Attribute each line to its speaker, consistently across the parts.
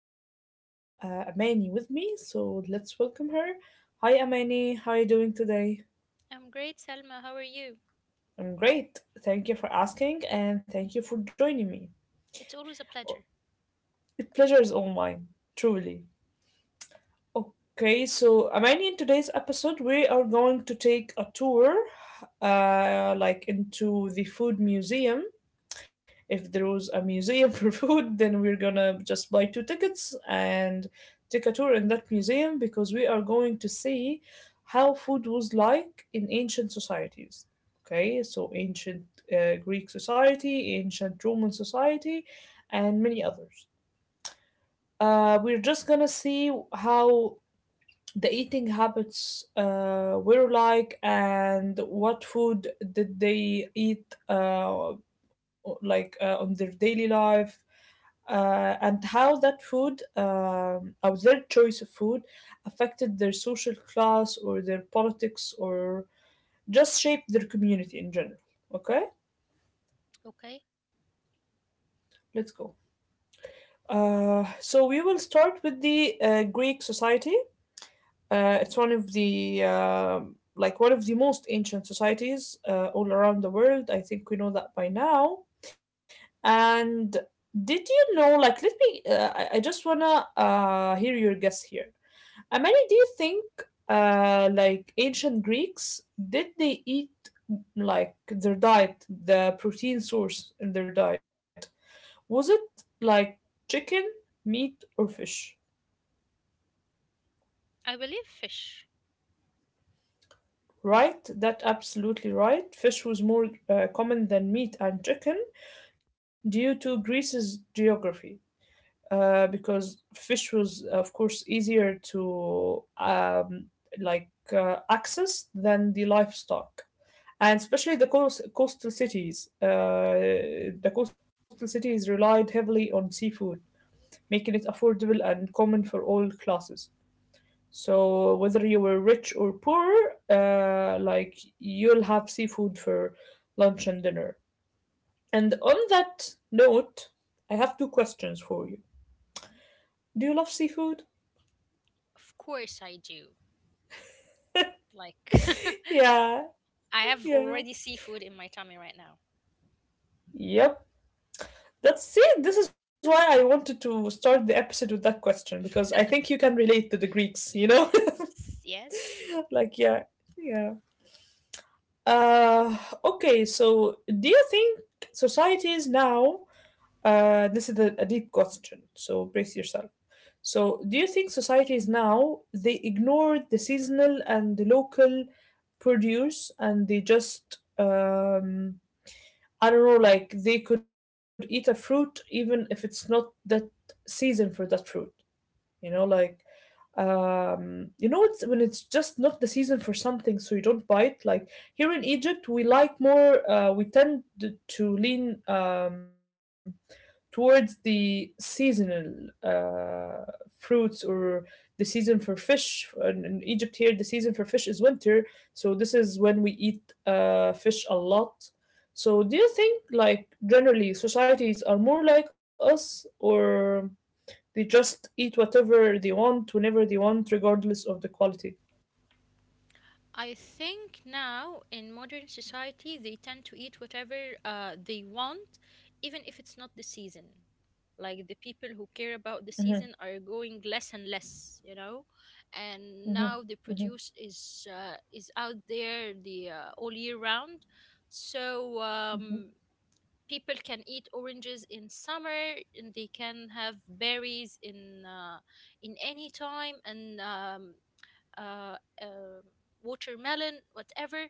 Speaker 1: course, I have Amani with me. So let's welcome her. Hi, Amani. How are you doing today?
Speaker 2: I'm great, Selma. How are you?
Speaker 1: I'm great. Thank you for asking, and thank you for joining me.
Speaker 2: It's always a pleasure.
Speaker 1: The pleasure is all mine, truly. Okay, so Amani, in today's episode, we are going to take a tour, like into the food museum if there was a museum for food, then we're gonna just buy two tickets and take a tour in that museum because we are going to see how food was like in ancient societies. Okay, so ancient Greek society, ancient Roman society, and many others. We're just gonna see how the eating habits were like and what food did they eat on their daily life and how that food or their choice of food affected their social class or their politics or just shaped their community in general, okay,
Speaker 2: Okay.
Speaker 1: let's go. So we will start with the Greek society. It's one of the like one of the most ancient societies all around the world. I think we know that by now. And did you know? I just wanna hear your guess here. Amani, do you think like ancient Greeks did they eat like their diet, the protein source in their diet? Was it like chicken, meat, or fish?
Speaker 2: I believe fish.
Speaker 1: Right, that absolutely right. Fish was more common than meat and chicken due to Greece's geography, because fish was, of course, easier to access than the livestock, and especially the coastal cities. The coastal cities relied heavily on seafood, making it affordable and common for all classes. So whether you were rich or poor, like you'll have seafood for lunch and dinner. And on that note, I have two questions for you. Do you love seafood?
Speaker 2: Of course I do. Like,
Speaker 1: Yeah,
Speaker 2: I have
Speaker 1: yeah.
Speaker 2: already seafood in my tummy right now.
Speaker 1: Yep. That's it. This is why I wanted to start the episode with that question because I think you can relate to the Greeks,
Speaker 2: Yes. Yes.
Speaker 1: Like, yeah, yeah. Uh, okay, so do you think societies now, this is a deep question, so brace yourself. So, do you think societies now they ignore the seasonal and the local produce and they just I don't know, like they could eat a fruit even if it's not that season for that fruit. You know, like it's when it's just not the season for something, so you don't buy it. Like here in Egypt, we like more. We tend to lean towards the seasonal fruits or the season for fish. In Egypt here, the season for fish is winter, so this is when we eat fish a lot. So, do you think, like, generally societies are more like us, or they just eat whatever they want, whenever they want, regardless of the quality?
Speaker 2: I think now in modern society they tend to eat whatever they want, even if it's not the season. Like the people who care about the
Speaker 1: Mm-hmm,
Speaker 2: season are going less and less, you know, and
Speaker 1: mm-hmm,
Speaker 2: now the
Speaker 1: mm-hmm,
Speaker 2: produce is out there the all year round, so
Speaker 1: mm-hmm,
Speaker 2: people can eat oranges in summer and they can have berries in any time and uh, uh, watermelon, whatever.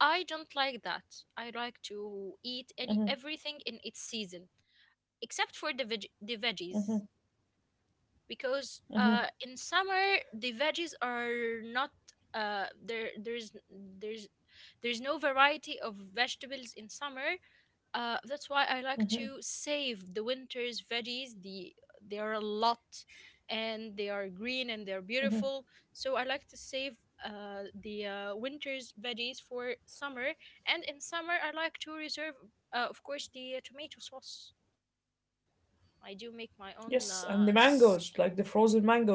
Speaker 2: I don't like that. I like to eat any
Speaker 1: mm-hmm,
Speaker 2: everything in its season, except for the
Speaker 1: mm-hmm.
Speaker 2: veggies, because in summer the veggies are not there. There's no variety of vegetables in summer, that's why I like to save the winter's veggies. They are a lot, and they are green and they're beautiful. So I like to save the winter's veggies for summer. And in summer, I like to reserve, of course, the tomato sauce. I do make
Speaker 1: Yes,
Speaker 2: my
Speaker 1: and the
Speaker 2: own.
Speaker 1: mangoes, like the frozen mangoes.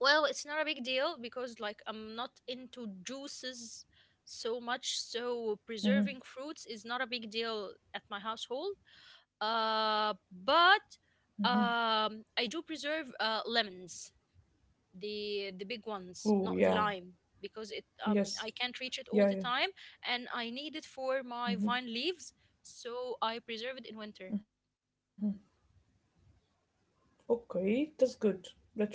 Speaker 2: Well, it's not a big deal because, like, I'm not into juices so much, so preserving fruits is not a big deal at my household, but I do preserve lemons, the big ones,
Speaker 1: Oh,
Speaker 2: not the
Speaker 1: yeah.
Speaker 2: lime, because it I
Speaker 1: Yes.
Speaker 2: can't reach it all
Speaker 1: Yeah,
Speaker 2: the
Speaker 1: yeah.
Speaker 2: time, and I need it for my vine leaves, so I preserve it in winter.
Speaker 1: Okay, that's good. That's really good.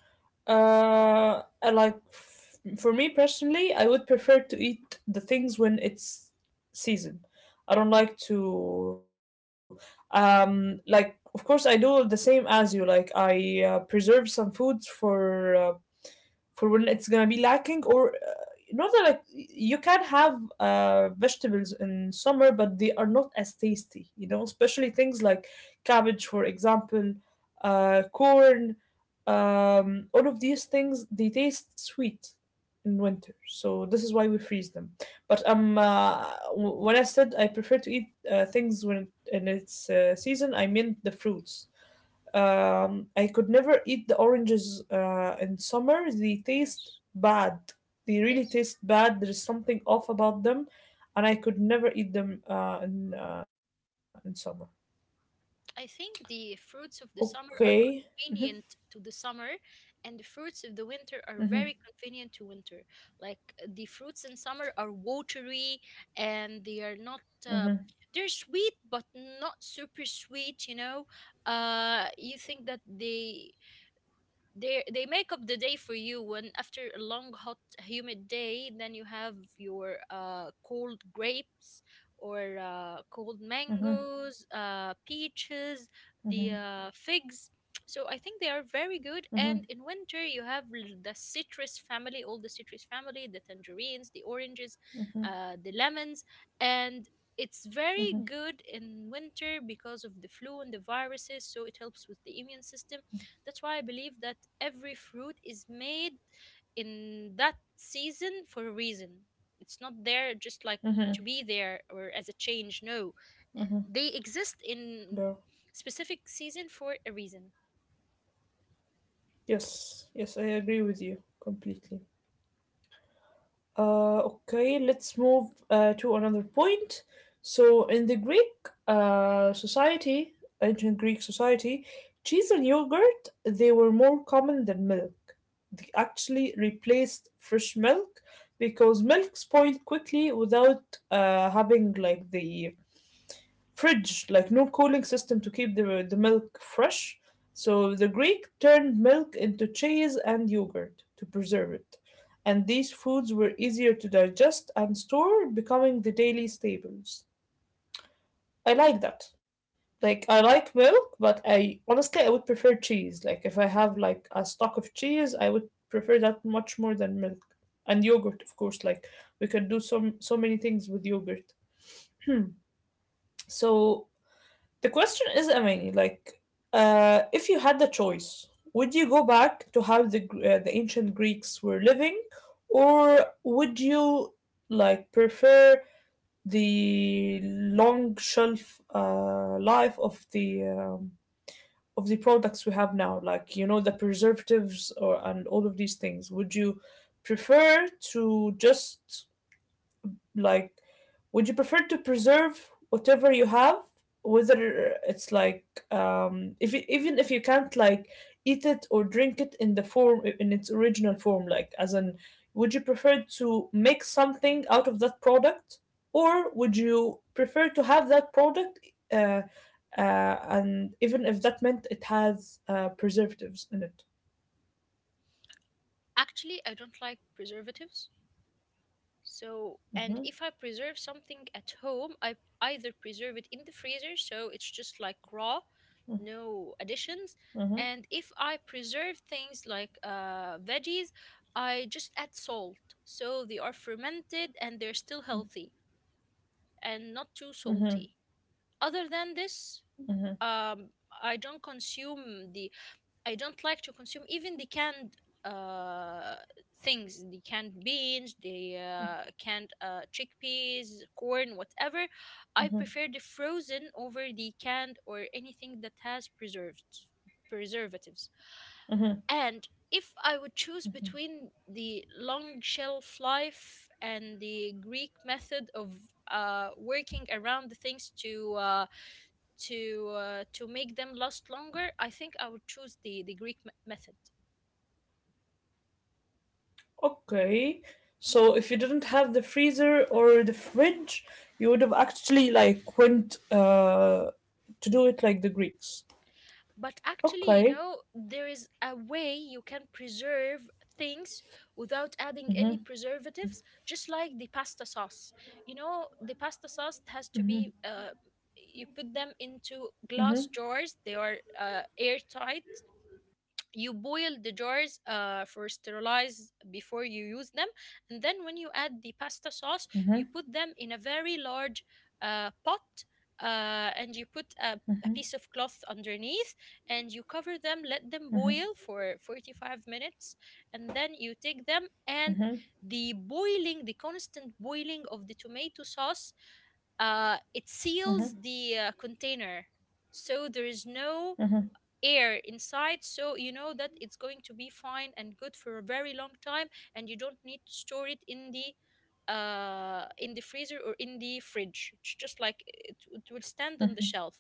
Speaker 1: I like for me personally, I would prefer to eat the things when it's season. I don't like to like of course I do the same as you like I preserve some foods for when it's gonna be lacking or not that like you can have vegetables in summer but they are not as tasty, you know, especially things like cabbage, for example, corn, all of these things, they taste sweet in winter, so this is why we freeze them. But um uh, w- when I said I prefer to eat things when in its season, I meant the fruits. I could never eat the oranges in summer. They taste
Speaker 2: Yes.
Speaker 1: bad. They really
Speaker 2: Yes.
Speaker 1: taste bad. There is something off about them, and I could never eat them in summer.
Speaker 2: I think the fruits of the summer
Speaker 1: Okay.
Speaker 2: are
Speaker 1: Mhm,
Speaker 2: convenient to the summer, and the fruits of the winter are
Speaker 1: mhm,
Speaker 2: very convenient to winter. Like, the fruits in summer are watery and they are not. Um,
Speaker 1: mhm,
Speaker 2: they're sweet, but not super sweet. You know, you think that they make up the day for you when, after a long hot humid day, then you have your cold grapes or cold
Speaker 1: mhm,
Speaker 2: mangoes, uh, peaches, the
Speaker 1: mhm,
Speaker 2: figs. So I think they are very good, and
Speaker 1: mhm,
Speaker 2: in winter you have the citrus family, all the citrus family, the tangerines, the oranges, the lemons. And it's very good in winter because of the flu and the viruses, so it helps with the immune system. That's why I believe that every fruit is made in that season for a reason. It's not there just like to
Speaker 1: mhm.
Speaker 2: be there or as a change. No, they exist in
Speaker 1: Girl.
Speaker 2: specific season for a reason.
Speaker 1: Yes. Yes, I agree with you completely. Okay, let's move to another point. So, in the Greek society, ancient Greek society, cheese and yogurt they were more common than milk. They actually replaced fresh milk because milk spoiled quickly without having like the fridge, like no cooling system to keep the milk fresh. So the Greek turned milk into cheese and yogurt to preserve it. And these foods were easier to digest and store, becoming the daily staples. I like that. Like I like milk, but I honestly I would prefer cheese. Like if I have like a stock of cheese, I would prefer that much more than milk. And yogurt, of course, like we can do some so many things with yogurt. Hmm. So the question is, Amani, like, if you had the choice, would you go back to how the the ancient Greeks were living, or would you like prefer the long shelf life of the products we have now, like you know the preservatives or and all of these things? Would you prefer to just like would you prefer to preserve whatever you have, whether it's like if you, even if you can't like eat it or drink it in the form in its original form, like as in would you prefer to make something out of that product or would you prefer to have that product, uh, and even if that meant it has preservatives in it?
Speaker 2: Actually, I don't like preservatives. So, and
Speaker 1: Hmm.
Speaker 2: if I preserve something at home, I either preserve it in the freezer, so it's just like raw, no additions.
Speaker 1: Hmm.
Speaker 2: And if I preserve things like veggies, I just add salt, so they are fermented and they're still healthy and not too
Speaker 1: Hmm.
Speaker 2: salty. Other than this, um, I don't consume the I don't like to consume even the canned uh, things, the canned beans, the canned chickpeas, corn, whatever. I
Speaker 1: Hmm.
Speaker 2: prefer the frozen over the canned or anything that has preserved preservatives.
Speaker 1: Hmm.
Speaker 2: And if I would choose between the long shelf life and the Greek method of, working around the things to to make them last longer, I think I would choose the Greek method.
Speaker 1: Okay. So if you didn't have the freezer or the fridge, you would have actually like went to do it like the Greeks.
Speaker 2: But actually, you
Speaker 1: Okay.
Speaker 2: know, there is a way you can preserve things without adding any preservatives, just like the pasta sauce. You know, the pasta sauce has to be, you put them into glass jars, they are, airtight. You boil the jars for sterilize before you use them, and then when you add the pasta sauce
Speaker 1: Mm-hmm,
Speaker 2: you put them in a very large, pot, and you put a piece of cloth underneath and you cover them, let them boil for 45 minutes, and then you take them. And
Speaker 1: mm-hmm,
Speaker 2: the constant boiling of the tomato sauce, it seals the, container, so there is no air inside, so you know that it's going to be fine and good for a very long time. And you don't need to store it in the freezer or in the fridge. It's just like it will stand on the shelf.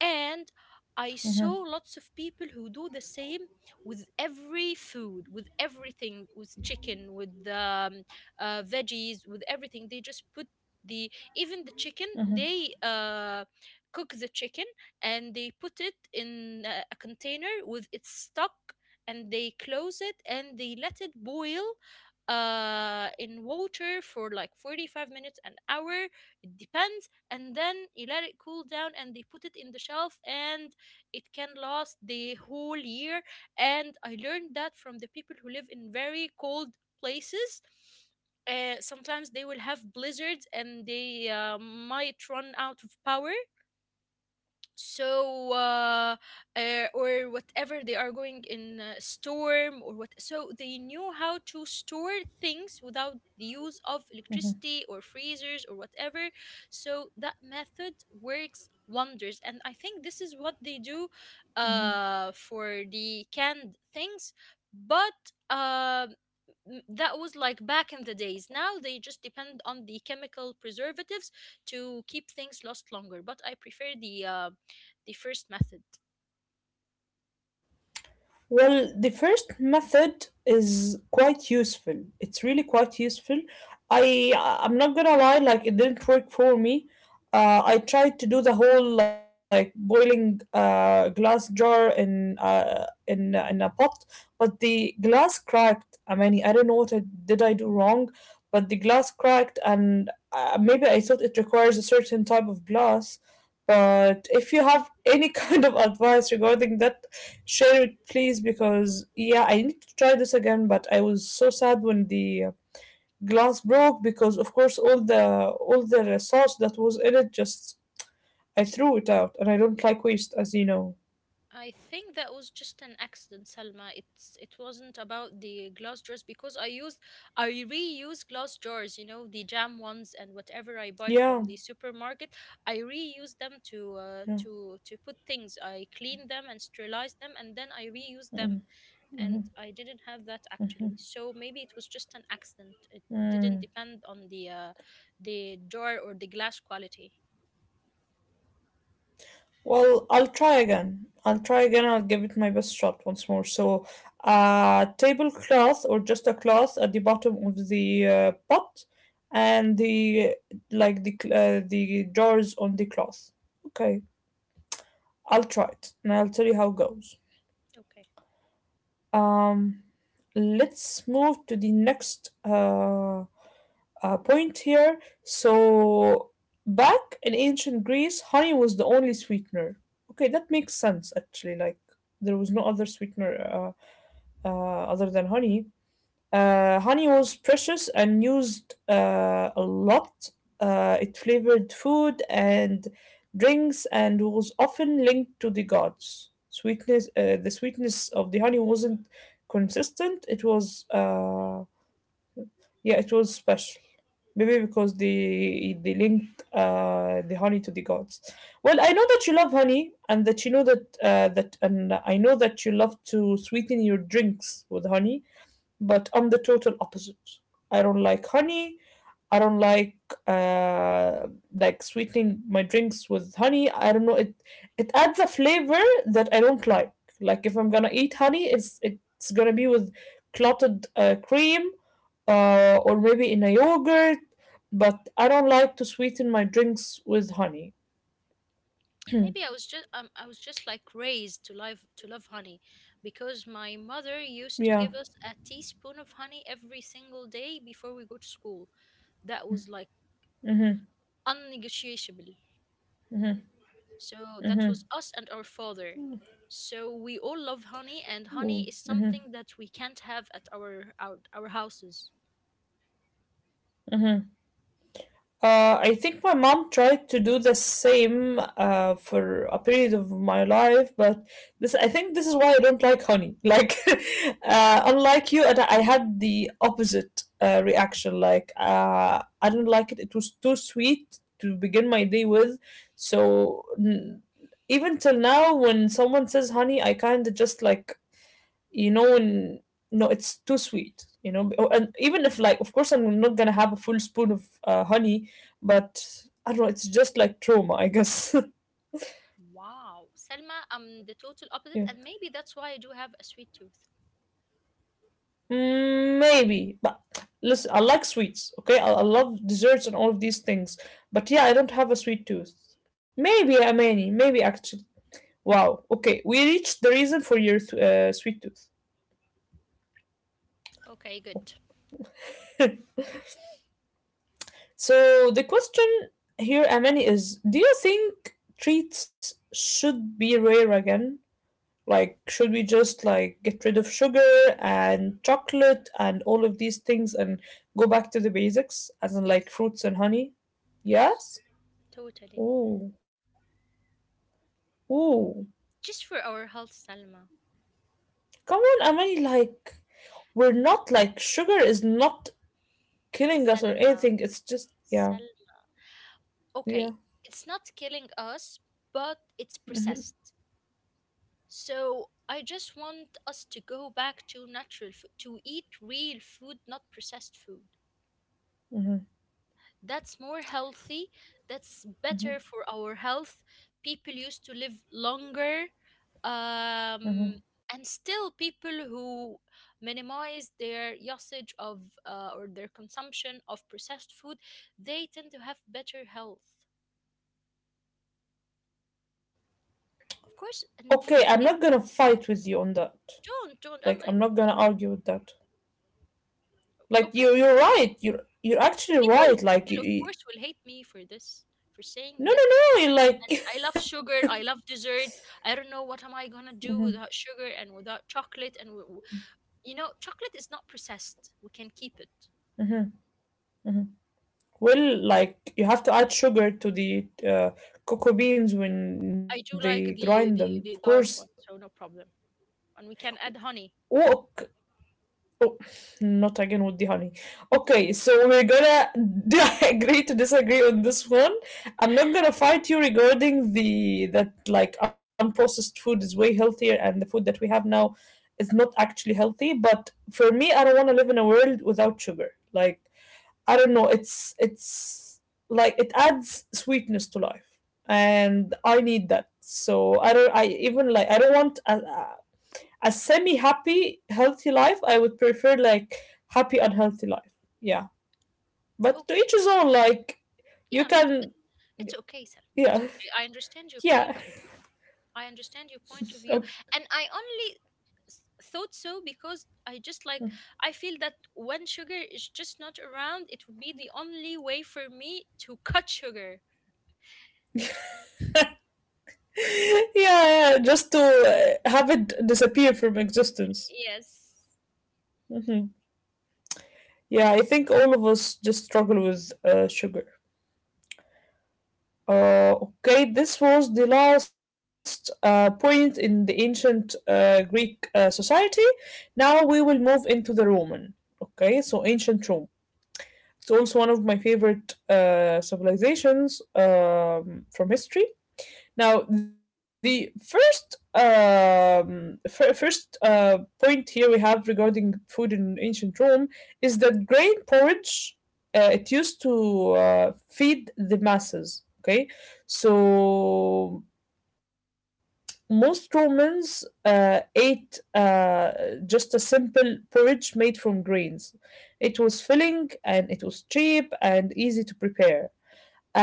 Speaker 2: And I saw lots of people who do the same with every food, with everything, with chicken, with veggies, with everything. They just put the even the chicken. They cook the chicken and they put it in, a container with its stock, and they close it and they let it boil in water for like 45 minutes, an hour, it depends. And then you let it cool down and they put it in the shelf, and it can last the whole year. And I learned that from the people who live in very cold places. Uh, sometimes they will have blizzards and they might run out of power, so
Speaker 1: mm-hmm,
Speaker 2: or whatever, they are going in a storm or what. So they knew how to store things without the use of electricity or freezers or whatever. So that method works wonders, and I think this is what they do
Speaker 1: mm-hmm.
Speaker 2: for the canned things. But that was like back in the days. Now they just depend on the chemical preservatives to keep things last longer, but I prefer the, first method.
Speaker 1: Well, the first method is quite useful. It's really quite useful. I I'm not gonna lie, like it didn't work for me. I tried to do the whole like boiling glass jar in a pot, but the glass cracked. I mean, I don't know what I did. I do wrong, but the glass cracked, and maybe I thought it requires a certain type of glass. But if you have any kind of advice regarding that, share it, please, because yeah, I need to try this again. But I was so sad when the glass broke because, of course, all the sauce that was in it just I threw it out, and I don't like waste, as you know.
Speaker 2: I think that was just an accident, Salma. It's it wasn't about the glass jars, because I reuse glass jars, you know, the jam ones and whatever I buy
Speaker 1: Yeah,
Speaker 2: from the supermarket. I reuse them to
Speaker 1: yeah.
Speaker 2: to put things. I clean them and sterilize them and then I reuse them, and I didn't have that actually. So maybe it was just an accident. It didn't
Speaker 1: Mm.
Speaker 2: depend on the, the door or the glass quality.
Speaker 1: Well, I'll try again. I'll try again. I'll give it my best shot once more. So, a tablecloth or just a cloth at the bottom of the pot, and the the jars on the cloth. Okay. I'll try it and I'll tell you how it goes.
Speaker 2: Okay.
Speaker 1: Um, let's move to the next point here. So, back in ancient Greece, honey was the only sweetener. Okay, that makes sense actually. Like, there was no other sweetener other than honey. Honey was precious and used a lot. It flavored food and drinks and was often linked to the gods. Sweetness, the sweetness of the honey wasn't consistent. It was, yeah, it was special. Maybe because they linked the honey to the gods. Well, I know that you love honey, and that you know that and I know that you love to sweeten your drinks with honey, but I'm the total opposite. I don't like honey. I don't uh, like sweetening my drinks with honey. I don't know it. It adds a flavor that I don't like. Like if I'm gonna eat honey, it's gonna be with clotted cream, or maybe in a yogurt. But I don't like to sweeten my drinks with honey.
Speaker 2: Maybe I was just like raised to love honey because my mother used to
Speaker 1: Yeah.
Speaker 2: give us a teaspoon of honey every single day before we go to school. That was like unnegotiable. So that was us and our father. So we all love honey, and honey is
Speaker 1: Mm-hmm.
Speaker 2: something that we can't have at our houses.
Speaker 1: I think my mom tried to do the same for a period of my life, but this I think this is why I don't like honey. Like,
Speaker 2: Yeah.
Speaker 1: unlike you, and I had the opposite reaction. Like, I didn't like it. It was too sweet to begin my day with. So n- Even till now, when someone says honey, I kind of just like, you know, and no, it's too sweet, you know, oh, and even if like of course I'm not gonna have a full spoon of honey, but I don't know, it's just like trauma, I guess.
Speaker 2: Wow. Selma, I'm the total opposite,
Speaker 1: Yeah.
Speaker 2: and maybe that's why I do have a sweet tooth.
Speaker 1: Mm, maybe, but listen, I like sweets, okay, I love desserts and all of these things, but yeah I don't have a sweet tooth. Maybe, Amani, maybe actually, wow, okay, we reached the reason for your sweet tooth.
Speaker 2: Okay, good.
Speaker 1: So the question here, Amani, is do you think treats should be rare again? Like, should we just get rid of sugar and chocolate and all of these things and go back to the basics, as in like
Speaker 2: Yes.
Speaker 1: fruits and honey?
Speaker 2: Yes,
Speaker 1: Yes?
Speaker 2: totally.
Speaker 1: Ooh, ooh.
Speaker 2: Just for our health, Selma.
Speaker 1: Come on, Amani, like we're not like sugar is not killing us or
Speaker 2: Selma.
Speaker 1: anything. It's just yeah,
Speaker 2: Selma. Okay,
Speaker 1: yeah.
Speaker 2: it's not killing us, but it's
Speaker 1: Hmm.
Speaker 2: processed. So I just want us to go back to natural food, to eat real food, not processed food.
Speaker 1: Hmm.
Speaker 2: That's more healthy, that's better for our health. People used to live longer. Um,
Speaker 1: Hmm.
Speaker 2: and still people who minimize their usage of, or their consumption of processed food, they tend to have better health, of course, and for
Speaker 1: Okay,
Speaker 2: the
Speaker 1: I'm
Speaker 2: kids.
Speaker 1: not gonna fight with you on that.
Speaker 2: Don't I,
Speaker 1: Like I'm not gonna argue with that. Like
Speaker 2: Okay,
Speaker 1: you're right, you're actually
Speaker 2: people,
Speaker 1: right.
Speaker 2: people of
Speaker 1: Like
Speaker 2: course will hate me for this, for saying
Speaker 1: no, no,
Speaker 2: this.
Speaker 1: no, you like
Speaker 2: I love sugar, I love desserts. I don't know what am I gonna
Speaker 1: mhm.
Speaker 2: do without sugar and without chocolate and you know, chocolate is not processed. We can keep it.
Speaker 1: Well, like you have to add sugar to the cocoa beans when
Speaker 2: I do like
Speaker 1: they grind them,
Speaker 2: the
Speaker 1: of
Speaker 2: dark
Speaker 1: course.
Speaker 2: one, so no problem. And we can add honey.
Speaker 1: Oh. Oh, not again with the honey. Okay, so we're gonna agree to disagree on this one. I'm not gonna fight you regarding the that, like unprocessed food is way healthier and the food that we have now is not actually healthy. But for me, I don't want to live in a world without sugar. Like I don't know, it's like it adds sweetness to life, and I need that. So I don't. I even I don't want a semi happy, healthy life. I would prefer like happy, unhealthy life. Yeah. But to each
Speaker 2: Okay.
Speaker 1: his own, like, you
Speaker 2: Yeah,
Speaker 1: can,
Speaker 2: it's okay, Sal. It's
Speaker 1: yeah,
Speaker 2: okay. I understand your
Speaker 1: yeah,
Speaker 2: point of view. I understand your point of view,
Speaker 1: okay.
Speaker 2: and I only thought so because I just like I feel that when sugar is just not around, it would be the only way for me to cut sugar.
Speaker 1: Yeah, yeah, just to have it disappear from existence.
Speaker 2: Yes.
Speaker 1: Hmm. Yeah, I think all of us just struggle with sugar. Okay, this was the last point in the ancient Greek society. Now we will move into the Roman. Okay, so ancient Rome. It's also one of my favorite civilizations from history. Now, the first first point here we have regarding food in ancient Rome is that grain porridge, it used to feed the masses. Okay, so most Romans ate, just a simple porridge made from grains. It was filling and it was cheap and easy to prepare.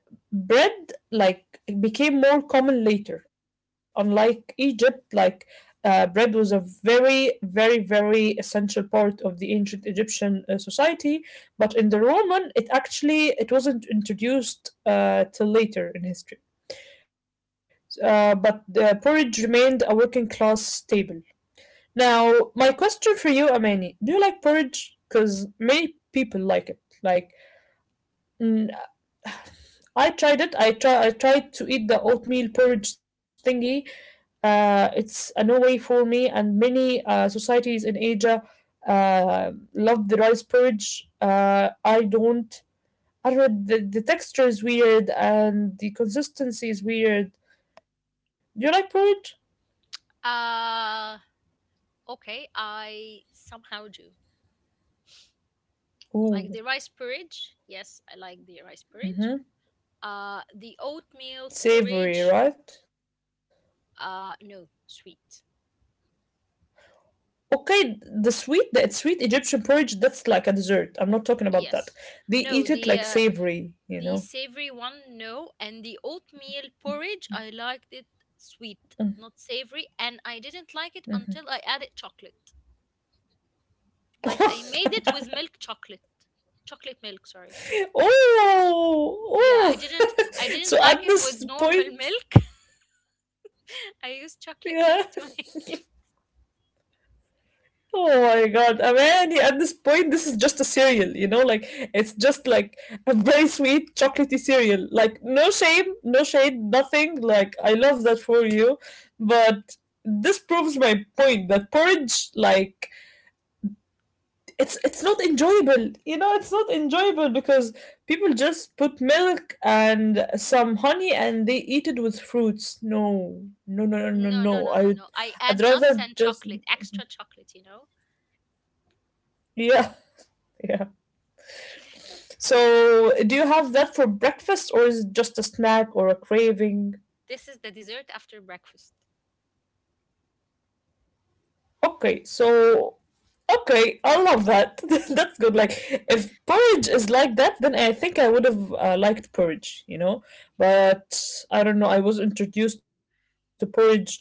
Speaker 1: And bread like became more common later. Unlike Egypt, like bread was a very, very, very essential part of the ancient Egyptian society. But in the Roman, it actually it wasn't introduced till later in history, but porridge remained a working class staple. Now, my question for you, Amani, do you like porridge? Because many people like it. Like, mm, I tried it. I try. I tried to eat the oatmeal porridge thingy. It's a no way for me, and many societies in Asia love the rice porridge. I don't. I don't. The texture is weird, and the consistency is weird. Do you like porridge?
Speaker 2: Uh, okay, I somehow do. Like
Speaker 1: Ooh.
Speaker 2: the rice porridge. Yes, I like the rice porridge.
Speaker 1: Hmm.
Speaker 2: The oatmeal
Speaker 1: Savory,
Speaker 2: porridge.
Speaker 1: right?
Speaker 2: No, sweet.
Speaker 1: Okay, the sweet Egyptian porridge, that's like a dessert. I'm not talking about that.
Speaker 2: Yes.
Speaker 1: They eat
Speaker 2: No,
Speaker 1: it like
Speaker 2: the,
Speaker 1: savory, you
Speaker 2: the
Speaker 1: know?
Speaker 2: savory one, no. And the oatmeal porridge, I liked it sweet, not savory, and I didn't like it
Speaker 1: Mhm.
Speaker 2: until I added chocolate. Like I made it with milk chocolate. Chocolate milk, sorry.
Speaker 1: Oh,
Speaker 2: Yeah,
Speaker 1: oh.
Speaker 2: I
Speaker 1: So
Speaker 2: didn't like
Speaker 1: at
Speaker 2: it with
Speaker 1: this
Speaker 2: normal
Speaker 1: point,
Speaker 2: milk. I
Speaker 1: yeah.
Speaker 2: used chocolate milk to
Speaker 1: Oh my God, Amani, at this point, this is just a cereal, you know, like it's just like a very sweet chocolatey cereal. Like no shame, no shade, nothing. Like I love that for you, but this proves my point that porridge, like it's not enjoyable. You know, it's not enjoyable because people just put milk and some honey and they eat it with fruits. No, no, no, no, no,
Speaker 2: no, no, no,
Speaker 1: no.
Speaker 2: no, no. I add
Speaker 1: I'd
Speaker 2: nuts
Speaker 1: rather
Speaker 2: and
Speaker 1: just
Speaker 2: chocolate, extra chocolate, you know.
Speaker 1: yeah, yeah. So, do you have that for breakfast or is it just a snack or a craving?
Speaker 2: This is the dessert after breakfast.
Speaker 1: Okay, so okay, I love that. That's good. Like if porridge is like that, then I think I would have liked porridge, you know? But I don't know, I was introduced to porridge like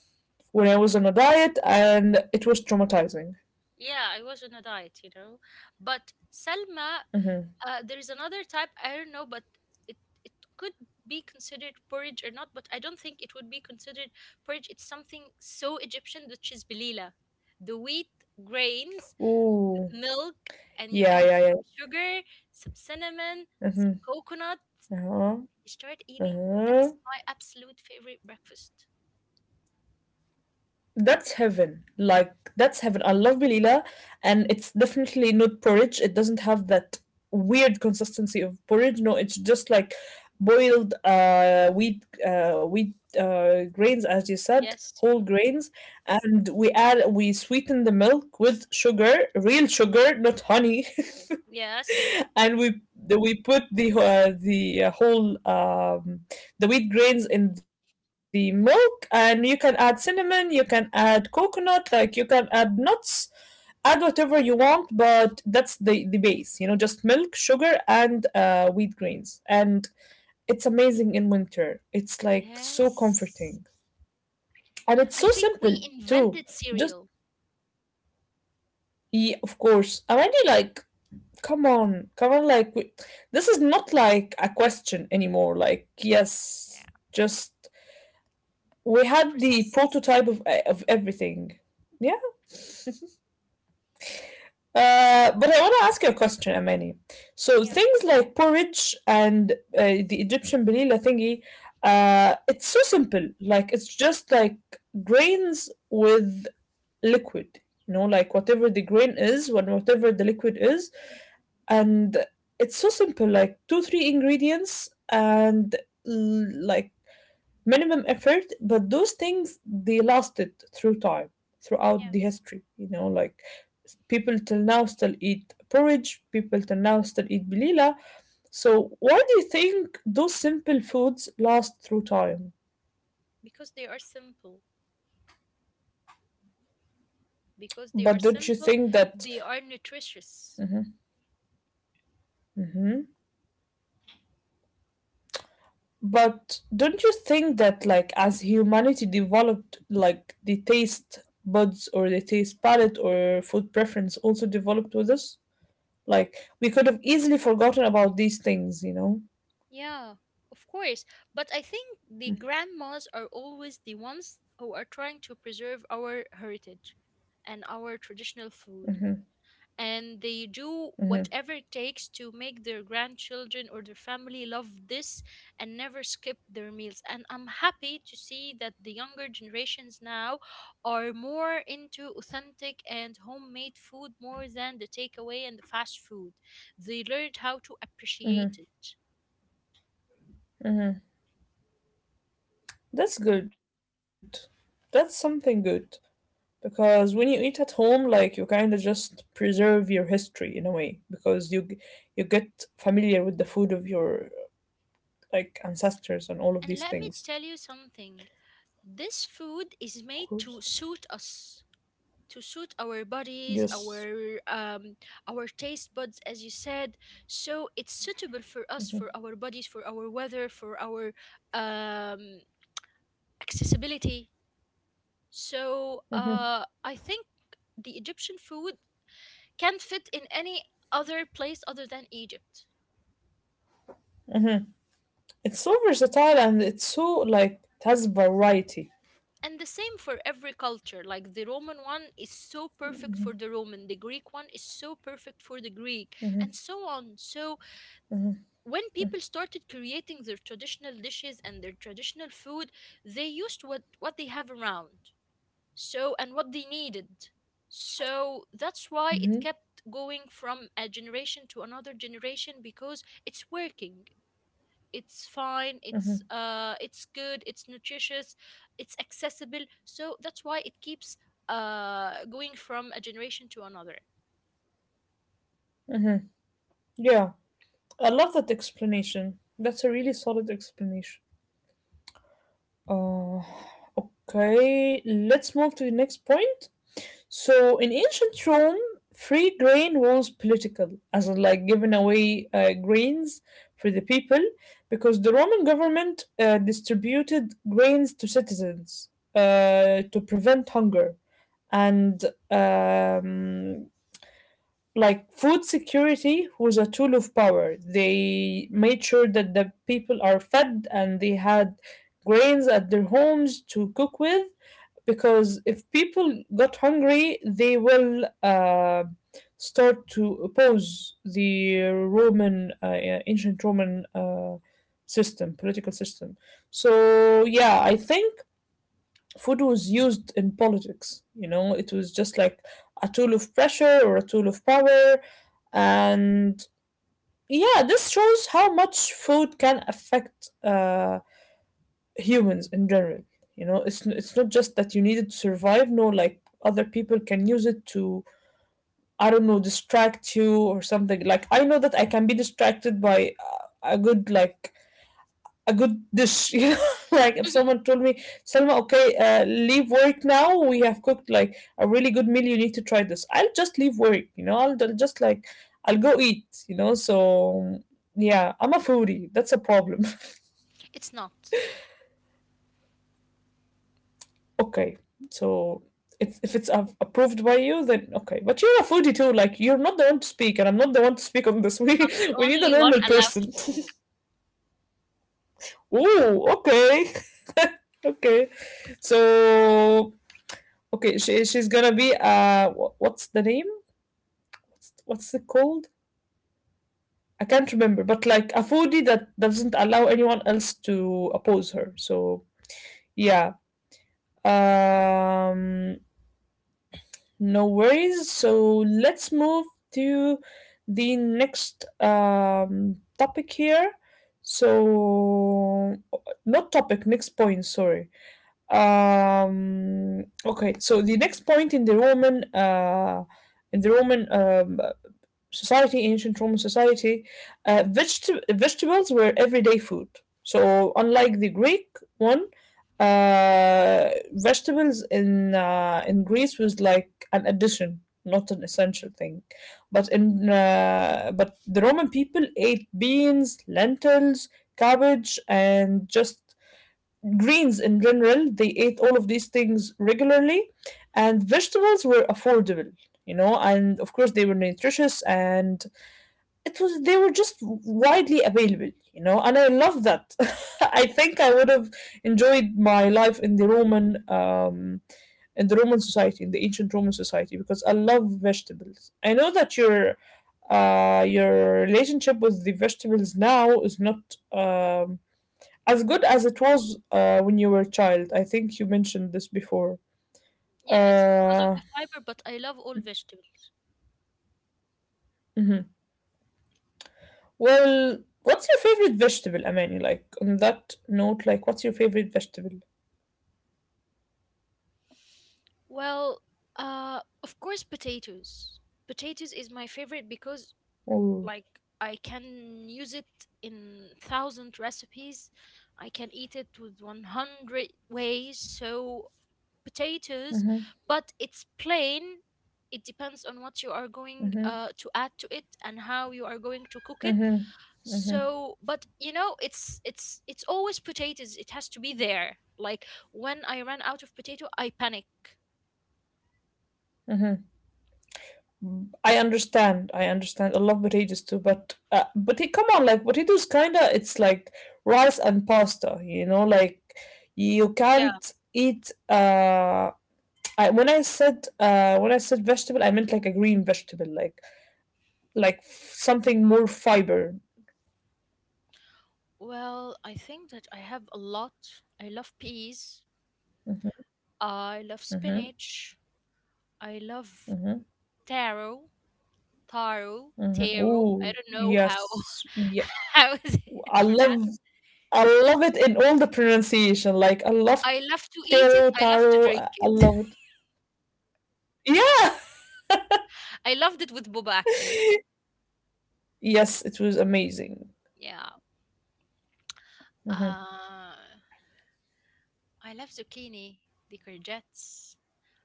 Speaker 1: when I was on a diet and it was traumatizing.
Speaker 2: Yeah, I was on a diet, you know. But Salma,
Speaker 1: Mm-hmm.
Speaker 2: there's another type, I don't know, but it it could be considered porridge or not, but I don't think it would be considered porridge. It's something so Egyptian, which is belila. The wheat grains
Speaker 1: Ooh.
Speaker 2: with milk, and you
Speaker 1: Yeah,
Speaker 2: add
Speaker 1: yeah, yeah.
Speaker 2: some sugar, some cinnamon, some
Speaker 1: Mm-hmm.
Speaker 2: coconut.
Speaker 1: Uh-huh.
Speaker 2: You start eating.
Speaker 1: Uh-huh.
Speaker 2: That's my absolute favorite breakfast.
Speaker 1: That's heaven. Like that's heaven. I love Belila, and it's definitely not porridge. It doesn't have that weird consistency of porridge. No, it's just like boiled wheat grains, as you said,
Speaker 2: Yes.
Speaker 1: whole grains, and we sweeten the milk with sugar, real sugar, not honey.
Speaker 2: Yes.
Speaker 1: And we put the whole the wheat grains in the milk, and you can add cinnamon, you can add coconut, like you can add nuts, add whatever you want, but that's the base, you know, just milk, sugar, and wheat grains. And it's amazing in winter, it's like so
Speaker 2: Yes.
Speaker 1: comforting, and it's
Speaker 2: I
Speaker 1: so
Speaker 2: think we
Speaker 1: simple too.
Speaker 2: invented
Speaker 1: Just
Speaker 2: cereal.
Speaker 1: yeah, of course, already, like come on, come on, like we, this is not like a question anymore. Like
Speaker 2: Yeah.
Speaker 1: yes, just we had the
Speaker 2: Unprocessed.
Speaker 1: prototype of of everything. Yeah. But I want to ask you a question, Amani. So
Speaker 2: Yeah.
Speaker 1: things like porridge and the Egyptian belila thingy, it's so simple. Like it's just like grains with liquid. You know, like whatever the grain is, when whatever the liquid is, and it's so simple, like two three ingredients, and like minimum effort, but those things they lasted through time throughout
Speaker 2: Yeah.
Speaker 1: the history, you know, like people till now still eat porridge, people till now still eat belila. So why do you think those simple foods last through time?
Speaker 2: Because they are simple. Because they are
Speaker 1: But don't you
Speaker 2: simple,
Speaker 1: think that
Speaker 2: they are nutritious.
Speaker 1: mhm. But don't you think that like as humanity developed, like the taste buds or the taste palette or food preference also developed with us? Like we could have easily forgotten about these things, you know?
Speaker 2: Yeah, of course. But I think the grandmas are always the ones who are trying to preserve our heritage and our traditional food. And they do
Speaker 1: Hmm.
Speaker 2: whatever it takes to make their grandchildren or their family love this and never skip their meals. And I'm happy to see that the younger generations now are more into authentic and homemade food more than the takeaway and the fast food. They learned how to appreciate it.
Speaker 1: That's good. That's something good. Because when you eat at home, like you kind of just preserve your history in a way, because you you get familiar with the food of your like ancestors and all of
Speaker 2: And
Speaker 1: these
Speaker 2: let me
Speaker 1: things.
Speaker 2: tell you something. This food is
Speaker 1: Of
Speaker 2: made to
Speaker 1: course.
Speaker 2: suit us, to suit our bodies,
Speaker 1: Yes.
Speaker 2: our taste buds, as you said. So it's suitable for us, for our bodies, for our weather, for our um, accessibility. So I think the Egyptian food can fit in any other place other than Egypt.
Speaker 1: It's so versatile and it's so like it has variety.
Speaker 2: And the same for every culture. Like the Roman one is so perfect for the Roman, the Greek one is so perfect for the Greek, and so on. So when people started creating their traditional dishes and their traditional food, they used what they have around. So, and what they needed. So that's why it kept going from a generation to another generation because it's working. It's fine, it's good, it's nutritious, it's accessible. So that's why it keeps going from a generation to another.
Speaker 1: Yeah, I love that explanation. That's a really solid explanation. Uh, okay, let's move to the next point. So, in ancient Rome, free grain was political, as in like giving away grains for the people, because the Roman government distributed grains to citizens to prevent hunger and, um, like, food security was a tool of power. They made sure that the people are fed and they had grains at their homes to cook with, because if people got hungry, they will start to oppose the Roman, yeah, ancient Roman system, political system. So, yeah, I think food was used in politics. You know, it was just like a tool of pressure or a tool of power. And yeah, this shows how much food can affect humans in general. You know, it's not just that you need it to survive, no, like other people can use it to, I don't know, distract you or something. Like, I know that I can be distracted by a good, like, a good dish. You know, like if someone told me, Selma, okay, leave work now. We have cooked like a really good meal. You need to try this. I'll just leave work. You know, I'll just like I'll go eat. You know, so yeah, I'm a foodie. That's a problem.
Speaker 2: It's not
Speaker 1: Okay, so. It's, if it's approved by you, then okay. But you're a foodie too. Like you're not the one to speak, and I'm not the one to speak on this. We
Speaker 2: the
Speaker 1: we need a
Speaker 2: only one
Speaker 1: normal
Speaker 2: allowed
Speaker 1: person.
Speaker 2: to.
Speaker 1: Ooh, okay, okay. So okay, she's gonna be what's the name? What's it called? I can't remember, but like a foodie that doesn't allow anyone else to oppose her. So yeah. Um, no worries. So let's move to the next topic here. So not topic, next point, sorry. Um, okay, so the next point in the Roman society, ancient Roman society, vegetables were everyday food. So, unlike the Greek one, vegetables in Greece was like an addition, not an essential thing. But in but the Roman people ate beans, lentils, cabbage, and just greens in general. They ate all of these things regularly, and vegetables were affordable, you know, and of course they were nutritious, and it was they were just widely available, you know. And I love that. I think I would have enjoyed my life in the Roman in the roman society, in the ancient Roman society, because I love vegetables. I know that your relationship with the vegetables now is not as good as it was when you were a child. I think you mentioned this before.
Speaker 2: Yeah, it's because of
Speaker 1: Uh,
Speaker 2: the fiber, but I love all vegetables.
Speaker 1: mhm. Well, what's your favorite vegetable, Amani? Like on that note, like what's your favorite vegetable?
Speaker 2: Well, of course, potatoes. Potatoes is my favorite because,
Speaker 1: Oh,
Speaker 2: like, I can use it in thousand recipes. I can eat it with 100 ways. So, potatoes, but it's plain. It depends on what you are going
Speaker 1: hmm,
Speaker 2: to add to it and how you are going to cook it.
Speaker 1: hmm,
Speaker 2: So, but it's always potatoes. It has to be there. Like when I ran out of potato, I panic.
Speaker 1: hmm. I understand. I understand. I love potatoes too, but he come on, like potatoes, kinda. It's like rice and pasta. You know, like you
Speaker 2: Yeah.
Speaker 1: can't eat. When I said vegetable, I meant like a green vegetable, like like something more fiber.
Speaker 2: Well, I think that I have a lot. I love peas. I love
Speaker 1: Mm-hmm.
Speaker 2: spinach. I love taro, taro, taro. I
Speaker 1: Oh
Speaker 2: don't know how
Speaker 1: yes, yeah.
Speaker 2: how is
Speaker 1: I
Speaker 2: it pronounced.
Speaker 1: love I love it in all the pronunciation. Like I love
Speaker 2: I love
Speaker 1: taro,
Speaker 2: to eat it.
Speaker 1: taro.
Speaker 2: I
Speaker 1: I
Speaker 2: love
Speaker 1: I
Speaker 2: to
Speaker 1: love
Speaker 2: drink
Speaker 1: it.
Speaker 2: it.
Speaker 1: Yeah.
Speaker 2: I loved it with boba actually.
Speaker 1: Yes, it was amazing.
Speaker 2: Yeah. Uh I love zucchini, the courgettes.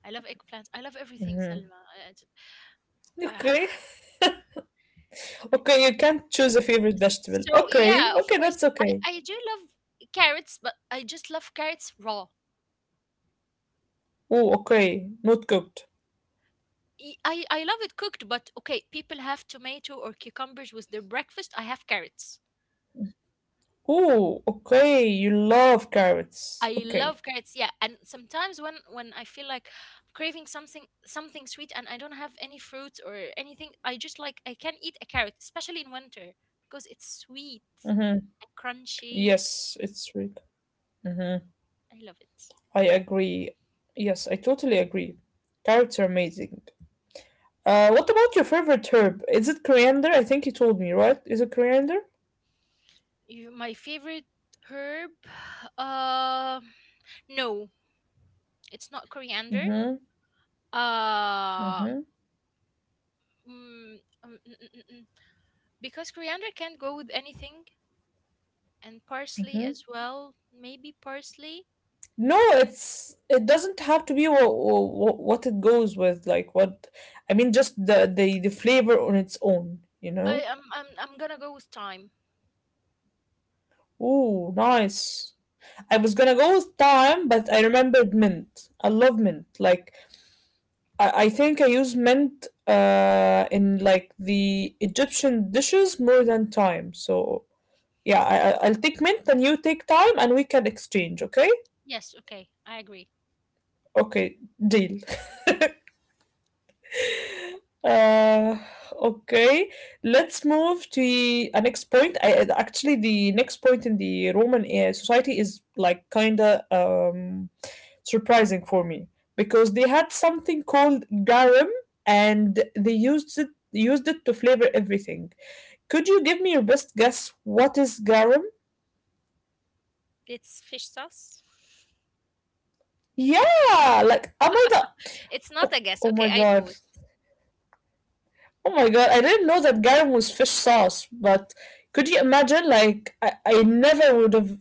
Speaker 2: I love eggplants. I love everything, Selma. I j- Ah,
Speaker 1: Okay.
Speaker 2: I-
Speaker 1: Okay, you can't choose a favorite vegetable.
Speaker 2: So
Speaker 1: Okay.
Speaker 2: yeah, of
Speaker 1: Okay,
Speaker 2: course,
Speaker 1: that's
Speaker 2: I,
Speaker 1: okay.
Speaker 2: I do love carrots, but I just love carrots raw.
Speaker 1: Oh, okay. Not cooked.
Speaker 2: I love it cooked, but okay, people have tomato or cucumbers with their breakfast. I have carrots.
Speaker 1: Oh, okay. You love carrots.
Speaker 2: I
Speaker 1: Okay.
Speaker 2: love carrots, yeah. And sometimes when I feel like craving something sweet and I don't have any fruits or anything, I just like I can eat a carrot, especially in winter because it's sweet.
Speaker 1: Mm-hmm.
Speaker 2: and crunchy.
Speaker 1: Yes, it's sweet. Mm-hmm.
Speaker 2: I love it.
Speaker 1: I agree. Yes, I totally agree. Carrots are amazing. What about your favorite herb? Is it coriander? I think you told me, right? Is it coriander?
Speaker 2: You, my favorite herb. uh, No, it's not coriander.
Speaker 1: Mm-hmm.
Speaker 2: Uh,
Speaker 1: Mm-hmm.
Speaker 2: mm, um, mm, mm, mm, mm. Because coriander can't go with anything, and parsley
Speaker 1: Mm-hmm.
Speaker 2: as well. Maybe parsley.
Speaker 1: No, it doesn't have to be what it goes with, like what I mean, just the flavor on its own, you
Speaker 2: I
Speaker 1: know.
Speaker 2: am. I'm gonna go with thyme.
Speaker 1: Ooh, nice. I was gonna go with thyme, but I remembered mint. I love mint. Like I think I use mint in like the Egyptian dishes more than thyme. So yeah, I'll take mint and you take thyme and we can exchange. Okay,
Speaker 2: Yes. Okay. I agree.
Speaker 1: okay, deal. Uh, okay, let's move to the next point. Actually, the next point in the Roman society is like kind of surprising for me because they had something called garum and they used it to flavor everything. Could you give me your best guess what is garum?
Speaker 2: It's fish sauce.
Speaker 1: Yeah, like am I the—
Speaker 2: It's not
Speaker 1: oh,
Speaker 2: a guess.
Speaker 1: oh my
Speaker 2: Okay. I know
Speaker 1: God.
Speaker 2: it.
Speaker 1: Oh my God, I didn't know that garum was fish sauce, but could you imagine? Like, I never would have,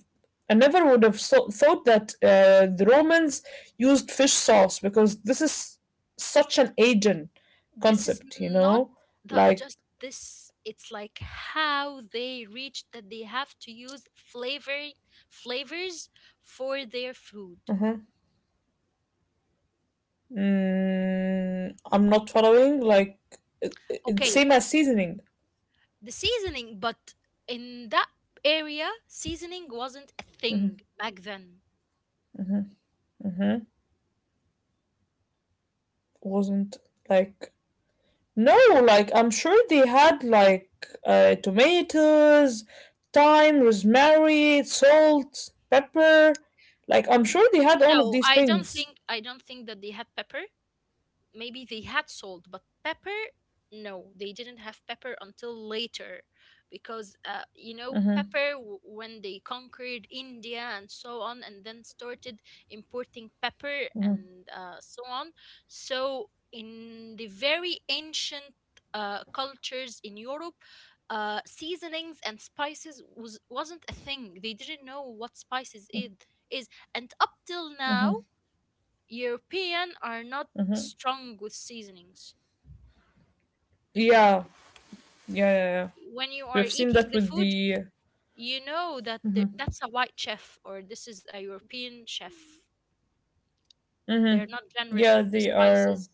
Speaker 1: thought that the Romans used fish sauce because this is such an Asian
Speaker 2: This is
Speaker 1: concept, you
Speaker 2: not
Speaker 1: know?
Speaker 2: the,
Speaker 1: Like,
Speaker 2: just this It's like how they reach that they have to use flavors for their food.
Speaker 1: uh-huh. I'm not following. Like, it's
Speaker 2: Okay,
Speaker 1: same as seasoning.
Speaker 2: the seasoning, but in that area seasoning wasn't a
Speaker 1: Mm-hmm,
Speaker 2: thing back then.
Speaker 1: mm-hmm, mm-hmm. Wasn't like— no, like I'm sure they had like tomatoes, thyme, rosemary, salt, pepper. Like I'm
Speaker 2: N-
Speaker 1: sure they had all of
Speaker 2: no
Speaker 1: these
Speaker 2: i don't
Speaker 1: things.
Speaker 2: think i don't think that they had pepper. Maybe they had salt, but pepper, no, they didn't have pepper until later because you know,
Speaker 1: Hmm.
Speaker 2: pepper when they conquered India and so on and then started importing pepper
Speaker 1: Hmm.
Speaker 2: and so on. So in the very ancient cultures in Europe, seasonings and spices wasn't a thing. They didn't know what spices is. And up till now
Speaker 1: Hmm.
Speaker 2: European are not
Speaker 1: Hmm.
Speaker 2: strong with seasonings.
Speaker 1: Yeah, yeah, yeah, yeah.
Speaker 2: When you are
Speaker 1: We've seen
Speaker 2: eating
Speaker 1: that
Speaker 2: the
Speaker 1: with
Speaker 2: food,
Speaker 1: the—
Speaker 2: you know that
Speaker 1: Hmm.
Speaker 2: that's a white chef or this is a European chef. They're
Speaker 1: Hmm.
Speaker 2: not generous
Speaker 1: Yeah,
Speaker 2: with the
Speaker 1: they are.
Speaker 2: spices.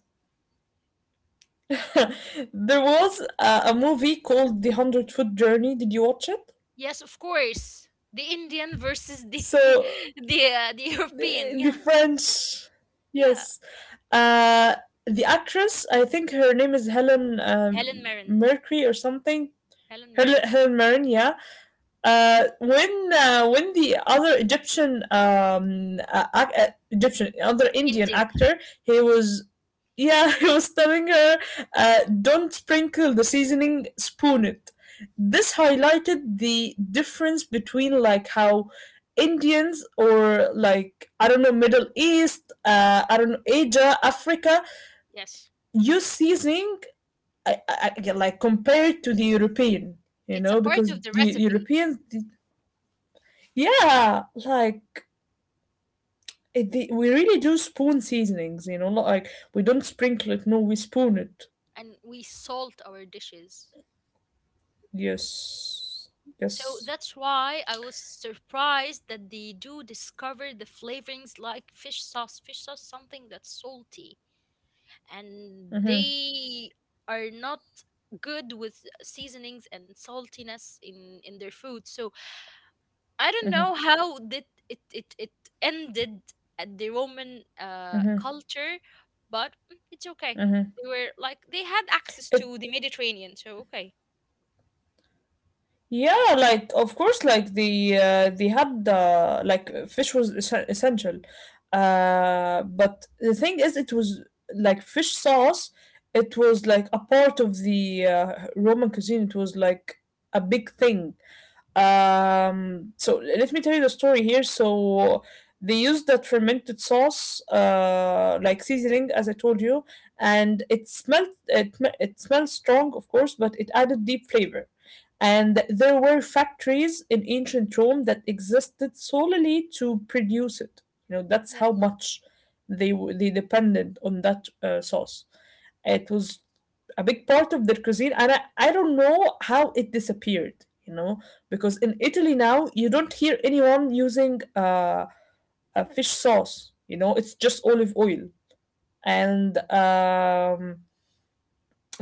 Speaker 1: There was a movie called The Hundred Foot Journey. Did you watch it?
Speaker 2: Yes, of course. The Indian versus the
Speaker 1: So
Speaker 2: the European.
Speaker 1: the
Speaker 2: Yeah.
Speaker 1: French.
Speaker 2: Yeah.
Speaker 1: Yes. Uh, the actress, I think her name is Helen
Speaker 2: Helen Mirren.
Speaker 1: Mercury or something.
Speaker 2: Helen
Speaker 1: Helen,
Speaker 2: Mirren.
Speaker 1: Helen Mirren, yeah. When the other Egyptian Egyptian other Indian
Speaker 2: Indian.
Speaker 1: actor, he was, yeah, he was telling her, don't sprinkle the seasoning, spoon it. This highlighted the difference between like how Indians or like I don't know Middle East, I don't know, Asia, Africa
Speaker 2: Yes.
Speaker 1: use seasoning. I like compared to the European, you
Speaker 2: It's a
Speaker 1: know,
Speaker 2: part
Speaker 1: because
Speaker 2: of the
Speaker 1: the
Speaker 2: recipe.
Speaker 1: Europeans— yeah, like it, we really do spoon seasonings, not like—
Speaker 2: Yes.
Speaker 1: we don't sprinkle it, no, we spoon it.
Speaker 2: And we salt our dishes.
Speaker 1: Yes.
Speaker 2: So
Speaker 1: Yes.
Speaker 2: that's why I was surprised that they do discover the flavorings like fish sauce. Fish sauce is something that's salty, and
Speaker 1: Mm-hmm.
Speaker 2: they are not good with seasonings and saltiness in their food. So I don't
Speaker 1: Mm-hmm.
Speaker 2: know how did it ended at the Roman
Speaker 1: Mm-hmm.
Speaker 2: culture, but it's okay.
Speaker 1: Mm-hmm.
Speaker 2: They were like they had access
Speaker 1: It—
Speaker 2: to the Mediterranean, so okay.
Speaker 1: yeah, like of course like the, they had the like fish was essential. But the thing is it was like fish sauce, it was like a part of the Roman cuisine. It was like a big thing. So let me tell you the story here. So they used that fermented sauce, like seasoning, as I told you, and it smelled strong, of course, but it added deep flavor.
Speaker 2: Mm,
Speaker 1: And there were factories in ancient Rome that existed solely to produce it. You know, that's how
Speaker 2: yes.
Speaker 1: much they depended on that sauce. It was a big part of their cuisine, and I don't know how it disappeared. You know, because in Italy now you don't hear anyone using a fish sauce. You know, it's just olive oil and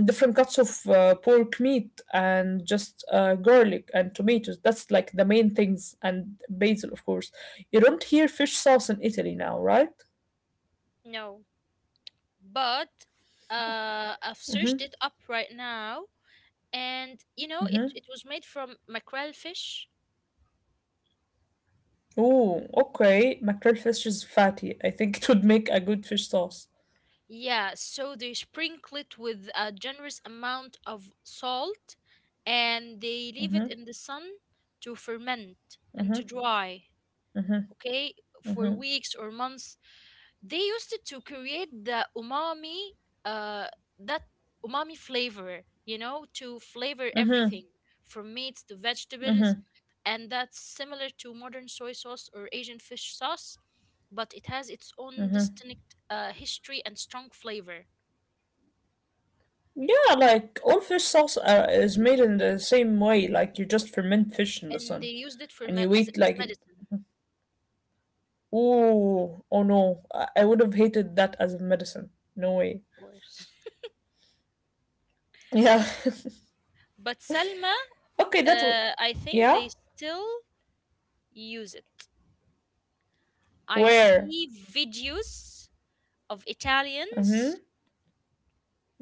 Speaker 1: different cuts of pork meat and just garlic and tomatoes. That's like the main things, and basil, of course. You don't hear fish sauce in Italy now, right?
Speaker 2: No. But I've searched
Speaker 1: Mm-hmm.
Speaker 2: it up right now, and you know,
Speaker 1: Mm-hmm.
Speaker 2: it was made from mackerel fish.
Speaker 1: Oh, okay. Mackerel fish is fatty. I think it would make a good fish sauce.
Speaker 2: Yeah, so they sprinkle it with a generous amount of salt and they leave it
Speaker 1: Mm-hmm,
Speaker 2: in the sun to ferment and
Speaker 1: mm-hmm,
Speaker 2: to dry, okay, for weeks or months. They used it to create the umami uh that umami flavor, you know, to flavor
Speaker 1: mm-hmm,
Speaker 2: everything from meats to vegetables.
Speaker 1: mm-hmm.
Speaker 2: And that's similar to modern soy sauce or Asian fish sauce, but it has its own distinct history and strong flavor.
Speaker 1: Yeah, like all fish sauce is made in the same way. Like you just ferment fish in the
Speaker 2: And they
Speaker 1: sun
Speaker 2: used it for
Speaker 1: and
Speaker 2: me-
Speaker 1: you
Speaker 2: as,
Speaker 1: eat
Speaker 2: as
Speaker 1: like, ooh,
Speaker 2: medicine,
Speaker 1: oh no, I would have hated that as a medicine. No
Speaker 2: of
Speaker 1: way.
Speaker 2: course.
Speaker 1: Yeah.
Speaker 2: But, Salma,
Speaker 1: Okay, that was—
Speaker 2: I think
Speaker 1: yeah.
Speaker 2: they still use it. I
Speaker 1: Where?
Speaker 2: see videos of
Speaker 1: Mm-hmm.
Speaker 2: Italians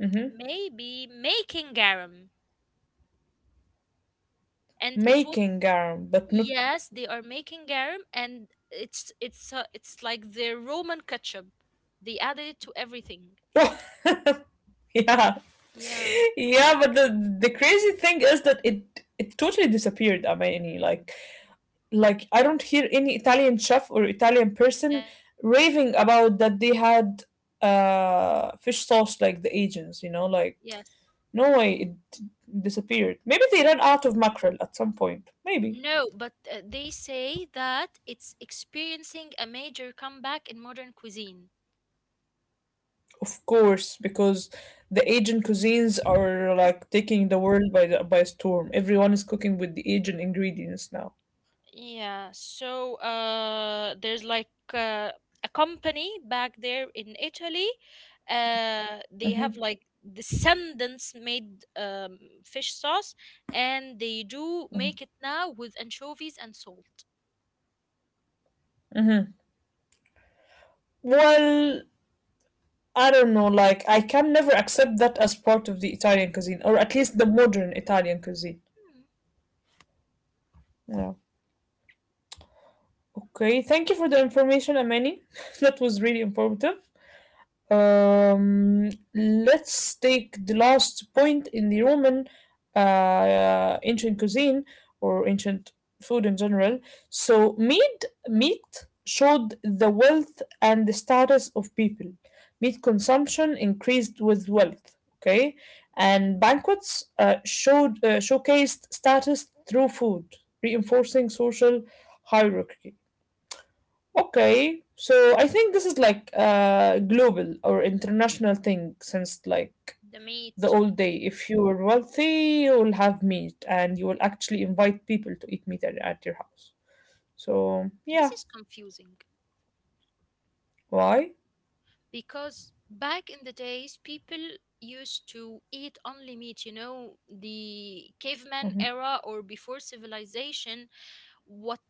Speaker 1: Mm-hmm.
Speaker 2: maybe making garum, and it was,
Speaker 1: Making arm, but not.
Speaker 2: yes, they are making garum, and it's it's like their Roman ketchup. They added it to everything.
Speaker 1: Yeah,
Speaker 2: Yeah.
Speaker 1: yeah. But the crazy thing is that it totally disappeared. I mean, like I don't hear any Italian chef or Italian person
Speaker 2: Yes.
Speaker 1: raving about that they had fish sauce like the Asians. You know, like
Speaker 2: Yes.
Speaker 1: no way it disappeared. Maybe they ran out of mackerel at some point. Maybe.
Speaker 2: No. But they say that it's experiencing a major comeback in modern cuisine.
Speaker 1: Of course, because the Asian cuisines are like taking the world by by storm. Everyone is cooking with the Asian ingredients now.
Speaker 2: Yeah, so there's like a company back there in Italy. They have
Speaker 1: Hmm.
Speaker 2: like descendants made fish sauce, and they do
Speaker 1: Hmm.
Speaker 2: make it now with anchovies and salt.
Speaker 1: Hmm. Well, I don't know. Like, I can never accept that as part of the Italian cuisine, or at least the modern Italian cuisine.
Speaker 2: Hmm,
Speaker 1: Yeah. Okay. Thank you for the information, Amani. That was really informative. Let's take the last point in the Roman ancient cuisine or ancient food in general. So meat showed the wealth and the status of people. Meat consumption increased with wealth. Okay, and banquets showed showcased status through food, reinforcing social hierarchy. Okay, so I think this is like a global or international thing since like
Speaker 2: the
Speaker 1: the
Speaker 2: meat.
Speaker 1: old day. If you are wealthy, you will have meat and you will actually invite people to eat meat at your house. So
Speaker 2: This
Speaker 1: yeah,
Speaker 2: is confusing
Speaker 1: why?
Speaker 2: because back in the days, people used to eat only meat, you know, the caveman
Speaker 1: Hmm.
Speaker 2: era or before civilization. What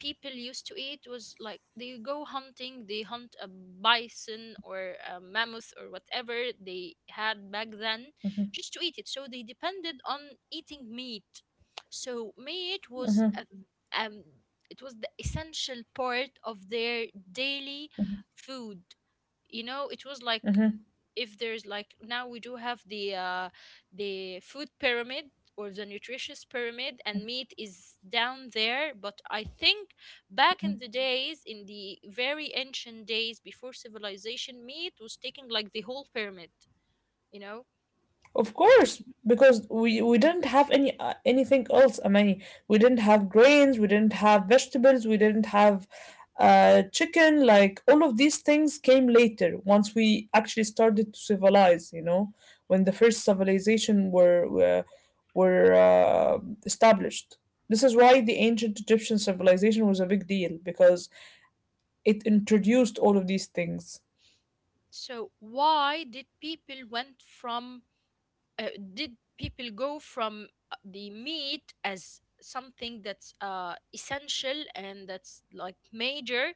Speaker 2: people used to eat was like they go hunting, they hunt a bison or a mammoth or whatever they had back then, just to eat it. So they depended on eating meat. So meat was um it was the essential part of their daily food. You know, it was like
Speaker 1: Hmm.
Speaker 2: if there's like now we do have the food pyramid or the nutritious pyramid, and meat is down there, but I think back in the days in the very ancient days before civilization, meat was taking like the whole pyramid, you know.
Speaker 1: Of course, because we didn't have any anything else. I mean, we didn't have grains, we didn't have vegetables, we didn't have chicken. Like all of these things came later once we actually started to civilize. You know, when the first civilization were established. This is why the ancient Egyptian civilization was a big deal because it introduced all of these things.
Speaker 2: So why did people uh, go from the meat as something that's essential and that's like major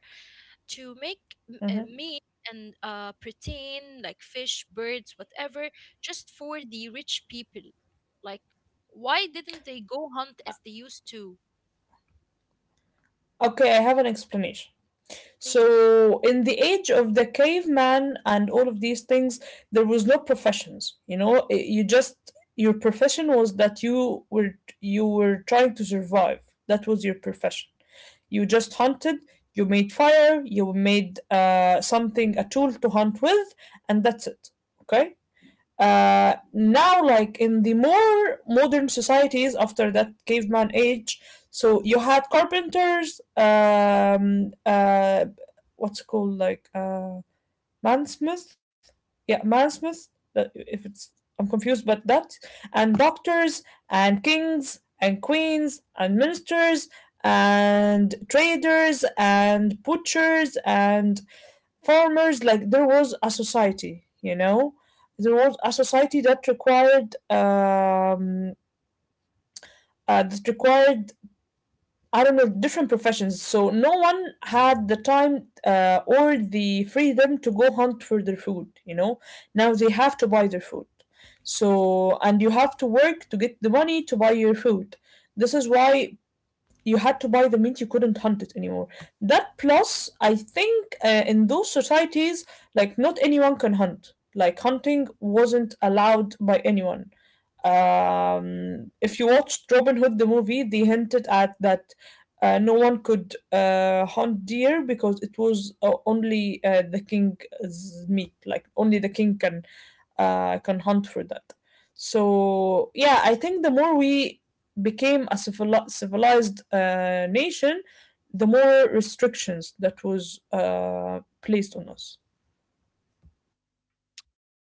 Speaker 2: to make
Speaker 1: Mhm.
Speaker 2: meat and protein like fish, birds, whatever, just for the rich people. Like, why didn't they go hunt as they used to?
Speaker 1: Okay, I have an explanation.
Speaker 2: Please.
Speaker 1: So, in the age of the caveman and all of these things, there was no professions. You know, you just your profession was that you were trying to survive. That was your profession. You just hunted. You made fire. You made something, a tool to hunt with, and that's it. Okay. Now, like in the more modern societies after that caveman age, so you had carpenters, what's it called, like, mansmith, yeah, mansmith. If it's— I'm confused, but that, and doctors and kings and queens and ministers and traders and butchers and farmers, like there was a society that required I don't know different professions. So no one had the time or the freedom to go hunt for their food. Now they have to buy their food, and you have to work to get the money to buy your food. This is why you had to buy the meat, you couldn't hunt it anymore. That, plus I think in those societies, like not anyone can hunt, like hunting wasn't allowed by anyone. If you watched Robin Hood the movie, they hinted at that. No one could hunt deer because it was only the king's meat. Like only the king can hunt for that. So yeah, I think the more we became a civilized nation, the more restrictions that was placed on us.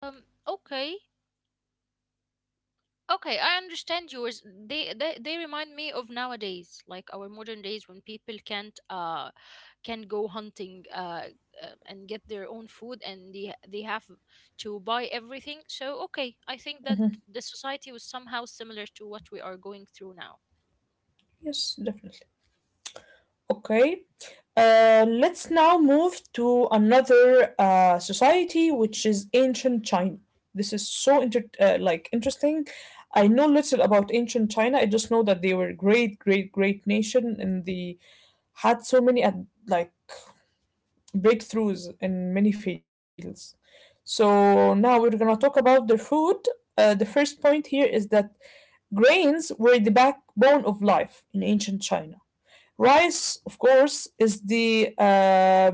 Speaker 2: Okay. Okay, I understand yours. They, they remind me of nowadays, like our modern days when people can't can go hunting and get their own food, and they have to buy everything. So okay, I think that
Speaker 1: Mhm.
Speaker 2: the society was somehow similar to what we are going through now.
Speaker 1: Yes, definitely. Okay. Let's now move to another society, which is ancient China. This is so interesting. I know little about ancient China. I just know that they were great, great, great nation, and they had so many ad like breakthroughs in many fields. So now we're gonna talk about their food. The first point here is that grains were the backbone of life in ancient China. Rice, of course, is the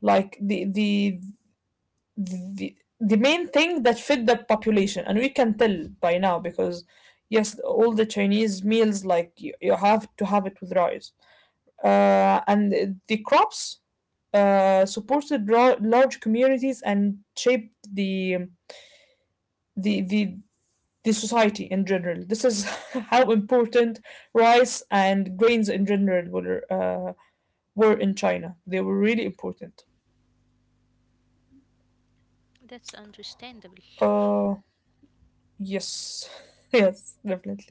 Speaker 1: like the main thing that fed the population, and we can tell by now because yes, all the Chinese meals like you have to have it with rice, and the crops supported large communities and shaped the the the society in general. This is how important rice and grains in general were in China. They were really important.
Speaker 2: That's understandable.
Speaker 1: Uh, yes, yes, definitely.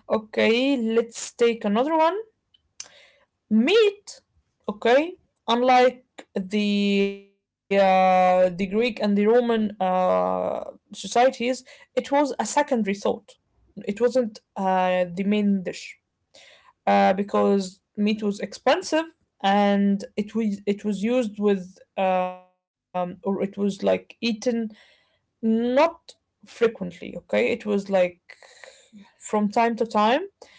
Speaker 1: Okay, let's take another one. Meat. Okay, unlike the Greek and the Roman societies, it was a secondary thought. It wasn't the main dish because meat was expensive and it was used with or it was like eaten. Not frequently, okay? It was like from time to time,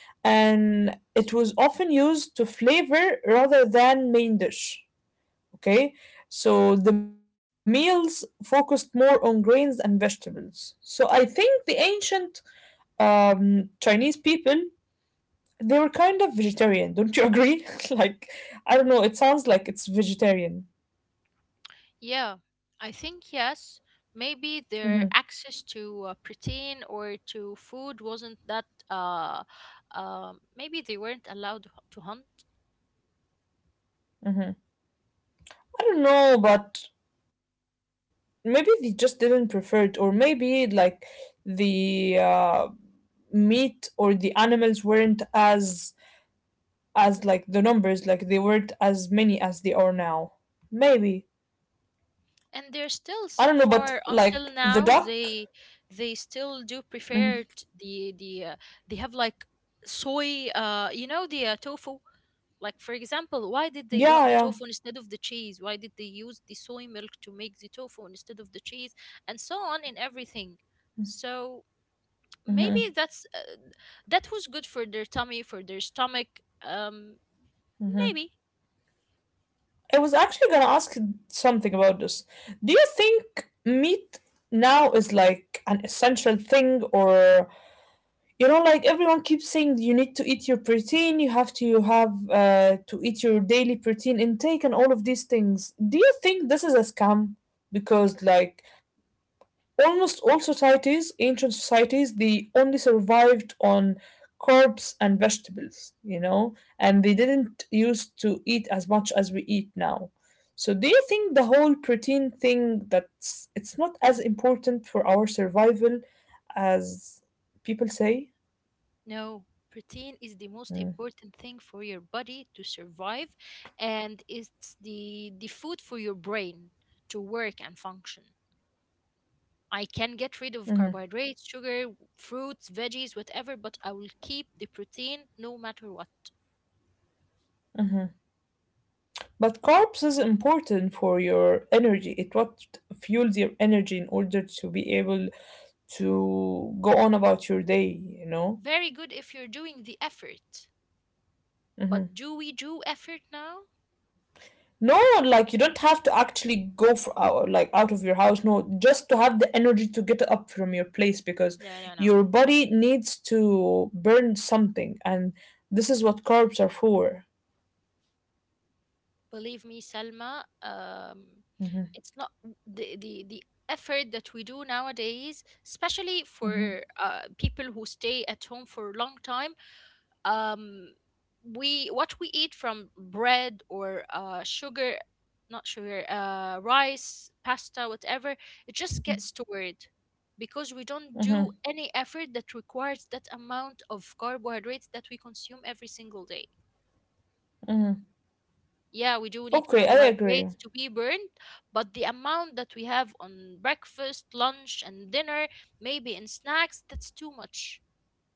Speaker 1: and it was often used to flavor rather than main dish, okay? So the meals focused more on grains and vegetables. So I think the ancient Chinese people they were kind of vegetarian, don't you agree? Like I don't know, it sounds like it's vegetarian.
Speaker 2: Yeah, I think yes.
Speaker 1: Hmm
Speaker 2: Maybe their access to protein or to food wasn't that. Maybe they weren't allowed to hunt.
Speaker 1: hmm. I don't know, but maybe they just didn't prefer it, or maybe like the meat or the animals weren't as like the numbers, like they weren't as many as they are now, maybe. I
Speaker 2: And
Speaker 1: don't know,
Speaker 2: they're
Speaker 1: but
Speaker 2: still so
Speaker 1: like the
Speaker 2: far until
Speaker 1: duck.
Speaker 2: now they still do
Speaker 1: Mhm.
Speaker 2: prefer. They have like soy you know, the tofu. Like, for example, why did they got
Speaker 1: Yeah,
Speaker 2: the
Speaker 1: yeah,
Speaker 2: tofu instead of the cheese? Why did they use the soy milk to make the tofu instead of the cheese, and so on in everything? So maybe that's that was good for their tummy, for their stomach. um Maybe.
Speaker 1: I was actually gonna ask something about this. Do you think meat now is like an essential thing? Or you know, like everyone keeps saying you need to eat your protein, you have to eat your daily protein intake and all of these things. Do you think this is a scam? Because like almost all societies, ancient societies, they only survived on carbs and vegetables, you know, and they didn't used to eat as much as we eat now. So do you think the whole protein thing, that's it's not as important for our survival as people say?
Speaker 2: No, protein is the most
Speaker 1: Hmm.
Speaker 2: important thing for your body to survive, and it's the food for your brain to work and function. I can get rid of carbohydrates, sugar, fruits, veggies, whatever, but I will keep the protein no matter what.
Speaker 1: But carbs is important for your energy. It, what fuels your energy in order to be able to go on about your day,
Speaker 2: Very good if you're doing the effort. But
Speaker 1: Hmm.
Speaker 2: do we do effort now?
Speaker 1: No, like you don't have to actually go for out, like out of your house. No, just to have the energy to get up from your place, because
Speaker 2: No, no, no.
Speaker 1: your body needs to burn something, and this is what carbs are for.
Speaker 2: Believe me, Selma, it's not the effort that we do nowadays, especially
Speaker 1: Hmm.
Speaker 2: for people who stay at home for a long time. Um, we what we eat from bread or sugar, not sugar, rice, pasta, whatever, it just gets stored because we don't do any effort that requires that amount of carbohydrates that we consume every single day. Yeah, we do need
Speaker 1: Okay, I agree.
Speaker 2: carbohydrates to be burned, but the amount that we have on breakfast, lunch, and dinner, maybe in snacks, that's too much.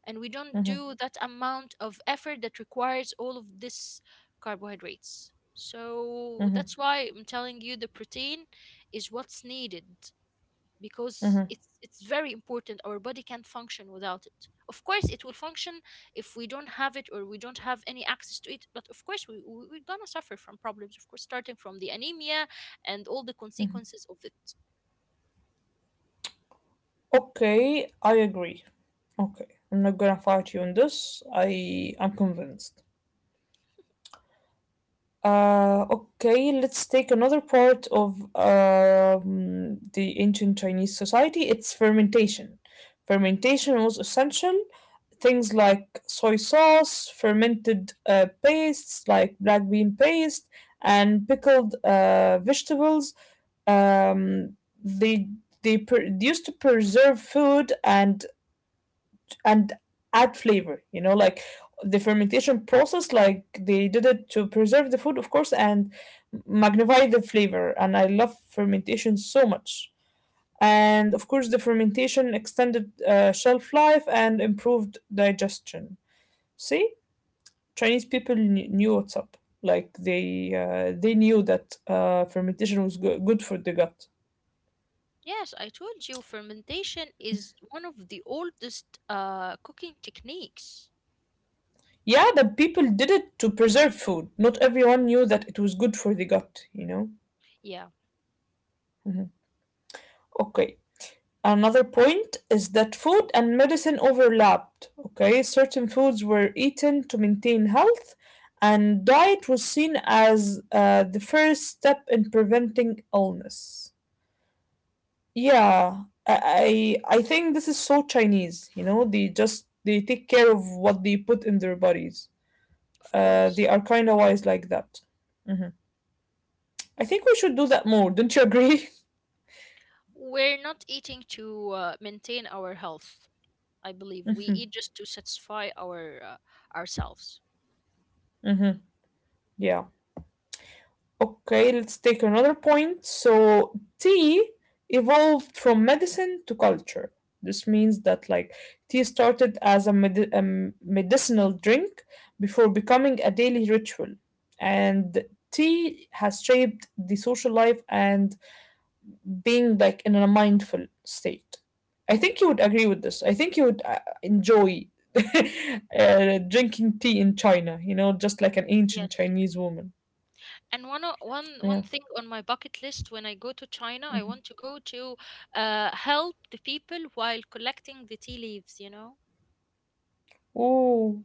Speaker 2: And we don't
Speaker 1: Hmm
Speaker 2: do that amount of effort that requires all of this carbohydrates. So that's why I'm telling you the protein is what's needed because
Speaker 1: hmm.
Speaker 2: it's very important. Our body can't function without it. Of course it will function if we don't have it or we don't have any access to it, but of course, we're gonna suffer from problems, of course, starting from the anemia and all the consequences of it.
Speaker 1: Okay, I agree. Okay, I'm not gonna fight you on this. I'm convinced. Okay, let's take another part of the ancient Chinese society. It's fermentation. Fermentation was essential. Things like soy sauce, fermented pastes like black bean paste, and pickled vegetables, um, they used to preserve food and add flavor, you know. Like the fermentation process, like they did it to preserve the food, of course, and magnify the flavor. And I love fermentation so much. And of course the fermentation extended shelf life and improved digestion. See, Chinese people knew what's up. Like they, they knew that fermentation was good for the gut.
Speaker 2: Yes, I told you fermentation is one of the oldest cooking techniques.
Speaker 1: Yeah, the people did it to preserve food. Not everyone knew that it was good for the gut, you know.
Speaker 2: Yeah,
Speaker 1: Mhm. Okay, another point is that food and medicine overlapped. Okay, certain foods were eaten to maintain health, and diet was seen as the first step in preventing illness. Yeah, I think this is so Chinese. You know, they just, they take care of what they put in their bodies.
Speaker 2: of
Speaker 1: They
Speaker 2: course.
Speaker 1: are kind of wise like that. Mhm. I think we should do that more. Don't you agree?
Speaker 2: We're not eating to maintain our health. I believe we eat just to satisfy our ourselves.
Speaker 1: Hmm hmm. Yeah. Okay, let's take another point. So tea evolved from medicine to culture. This means that like tea started as a, medicinal drink before becoming a daily ritual. And tea has shaped the social life and being like in a mindful state. I think you would agree with this. I think you would enjoy drinking tea in China, you know, just like an ancient
Speaker 2: Yes.
Speaker 1: Chinese woman.
Speaker 2: And one o- one
Speaker 1: Yeah.
Speaker 2: one thing on my bucket list, when I go to China, I want to go to help the people while collecting the tea leaves, you know?
Speaker 1: Oh.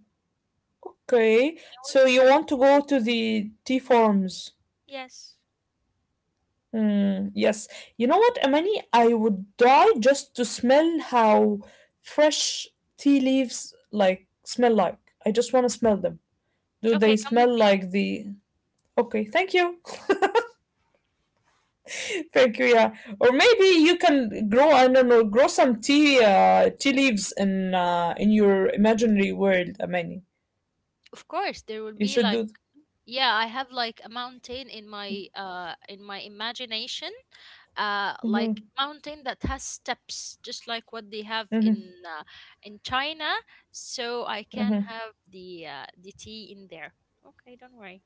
Speaker 1: Okay,
Speaker 2: I want
Speaker 1: so
Speaker 2: to
Speaker 1: you want to go
Speaker 2: participate.
Speaker 1: to the tea farms?
Speaker 2: Yes.
Speaker 1: Mm, yes. You know what, Amani? I would die just to smell how fresh tea leaves like smell like. I just want to smell them. Do they
Speaker 2: Okay, come with
Speaker 1: smell
Speaker 2: me.
Speaker 1: like the? Okay, thank you, thank you. Yeah, or maybe you can grow, I don't know, grow some tea, tea leaves in your imaginary world, Amani.
Speaker 2: Of course, there will
Speaker 1: You
Speaker 2: be
Speaker 1: should
Speaker 2: like,
Speaker 1: do.
Speaker 2: yeah, I have like a mountain in my imagination, like
Speaker 1: Mm-hmm.
Speaker 2: mountain that has steps just like what they have
Speaker 1: Mm-hmm.
Speaker 2: in China, so I can
Speaker 1: Mm-hmm.
Speaker 2: have the tea in there. Okay, don't worry.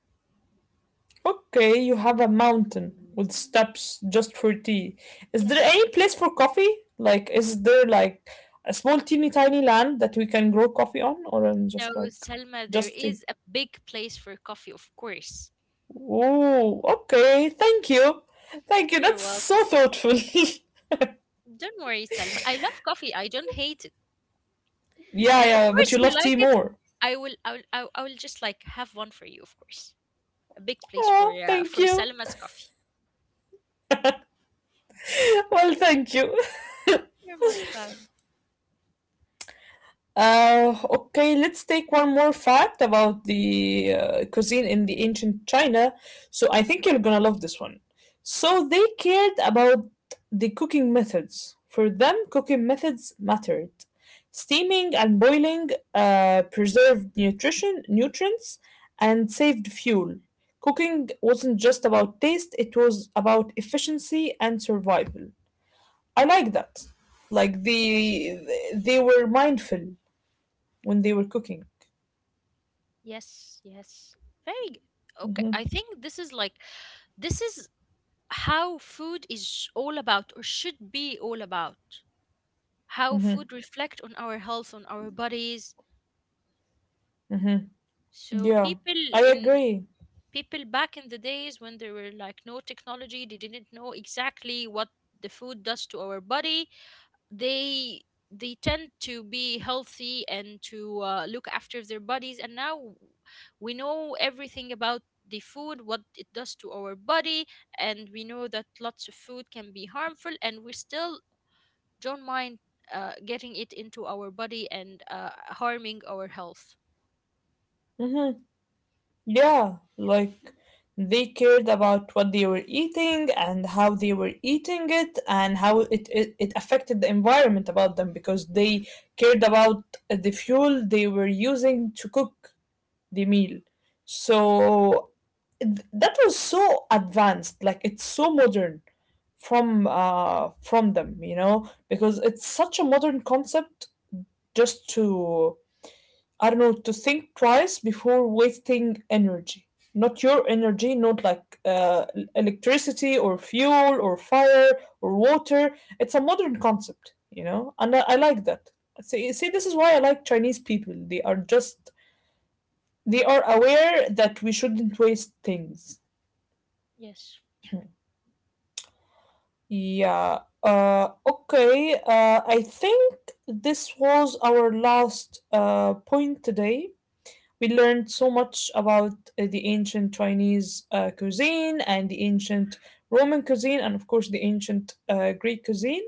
Speaker 1: Okay, you have a mountain with steps just for tea. Is there
Speaker 2: Yes.
Speaker 1: any place for coffee? Like, is there like a small, teeny, tiny land that we can grow coffee on? Or I'm just
Speaker 2: No,
Speaker 1: like,
Speaker 2: Selma, there
Speaker 1: just tea?
Speaker 2: is a big place for coffee, of course.
Speaker 1: Oh, okay. Thank you, thank you. That's
Speaker 2: You're welcome.
Speaker 1: so thoughtful.
Speaker 2: Don't worry, Selma. I love coffee. I don't hate it.
Speaker 1: Yeah,
Speaker 2: And of
Speaker 1: yeah. But
Speaker 2: course,
Speaker 1: you
Speaker 2: you
Speaker 1: love tea
Speaker 2: like it.
Speaker 1: more.
Speaker 2: I will. I will. I will just like have one for you, of course. A big place
Speaker 1: Oh, thank
Speaker 2: for
Speaker 1: you.
Speaker 2: Selma's coffee.
Speaker 1: Well, thank you.
Speaker 2: You're most welcome.
Speaker 1: Okay, let's take one more fact about the cuisine in the ancient China. So I think you're gonna love this one. So they cared about the cooking methods. For them, cooking methods mattered. Steaming and boiling preserved nutrition, nutrients, and saved fuel. Cooking wasn't just about taste; it was about efficiency and survival. I like that. Like
Speaker 2: Yes.
Speaker 1: the, they were mindful when they were cooking.
Speaker 2: Yes. Yes. Very good. Okay. I
Speaker 1: Hmm
Speaker 2: think this is like this is how food is all about, or should be all about. How
Speaker 1: hmm
Speaker 2: food reflect on our health, on our bodies.
Speaker 1: hmm.
Speaker 2: So
Speaker 1: Yeah, I
Speaker 2: in
Speaker 1: agree.
Speaker 2: people back in the days when there were like no technology, they didn't know exactly what the food does to our body. They tend to be healthy and to look after their bodies, and now we know everything about the food, what it does to our body, and we know that lots of food can be harmful, and we still don't mind getting it into our body and harming our health.
Speaker 1: Hmm. Yeah, like they cared about what they were eating and how they were eating it, and how it affected the environment about them, because they cared about the fuel they were using to cook the meal. So that was so advanced, like it's so modern from them, you know, because it's such a modern concept, just to, I don't know, to think twice before wasting energy. Not your energy, not like electricity or fuel or fire or water. It's a modern concept, you know, and I like that. See, see, this is why I like Chinese people. They are just, they are aware that we shouldn't waste things.
Speaker 2: Yes.
Speaker 1: Yeah. Okay. I think this was our last point today. We learned so much about the ancient Chinese cuisine and the ancient Roman cuisine, and of course the ancient Greek cuisine.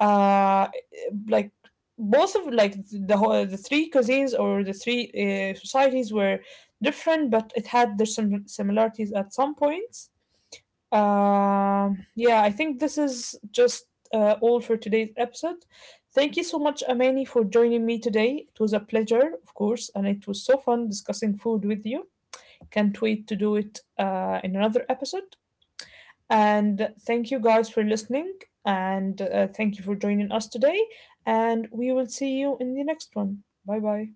Speaker 1: Uh, like both of like the whole, the three cuisines, or the three societies were different, but it had their similarities at some points. Yeah, I think this is just all for today's episode. Thank you so much, Amani, for joining me today. It was a pleasure, of course, and it was so fun discussing food with you. Can't wait to do it in another episode. And thank you guys for listening, and thank you for joining us today. And we will see you in the next one. Bye bye.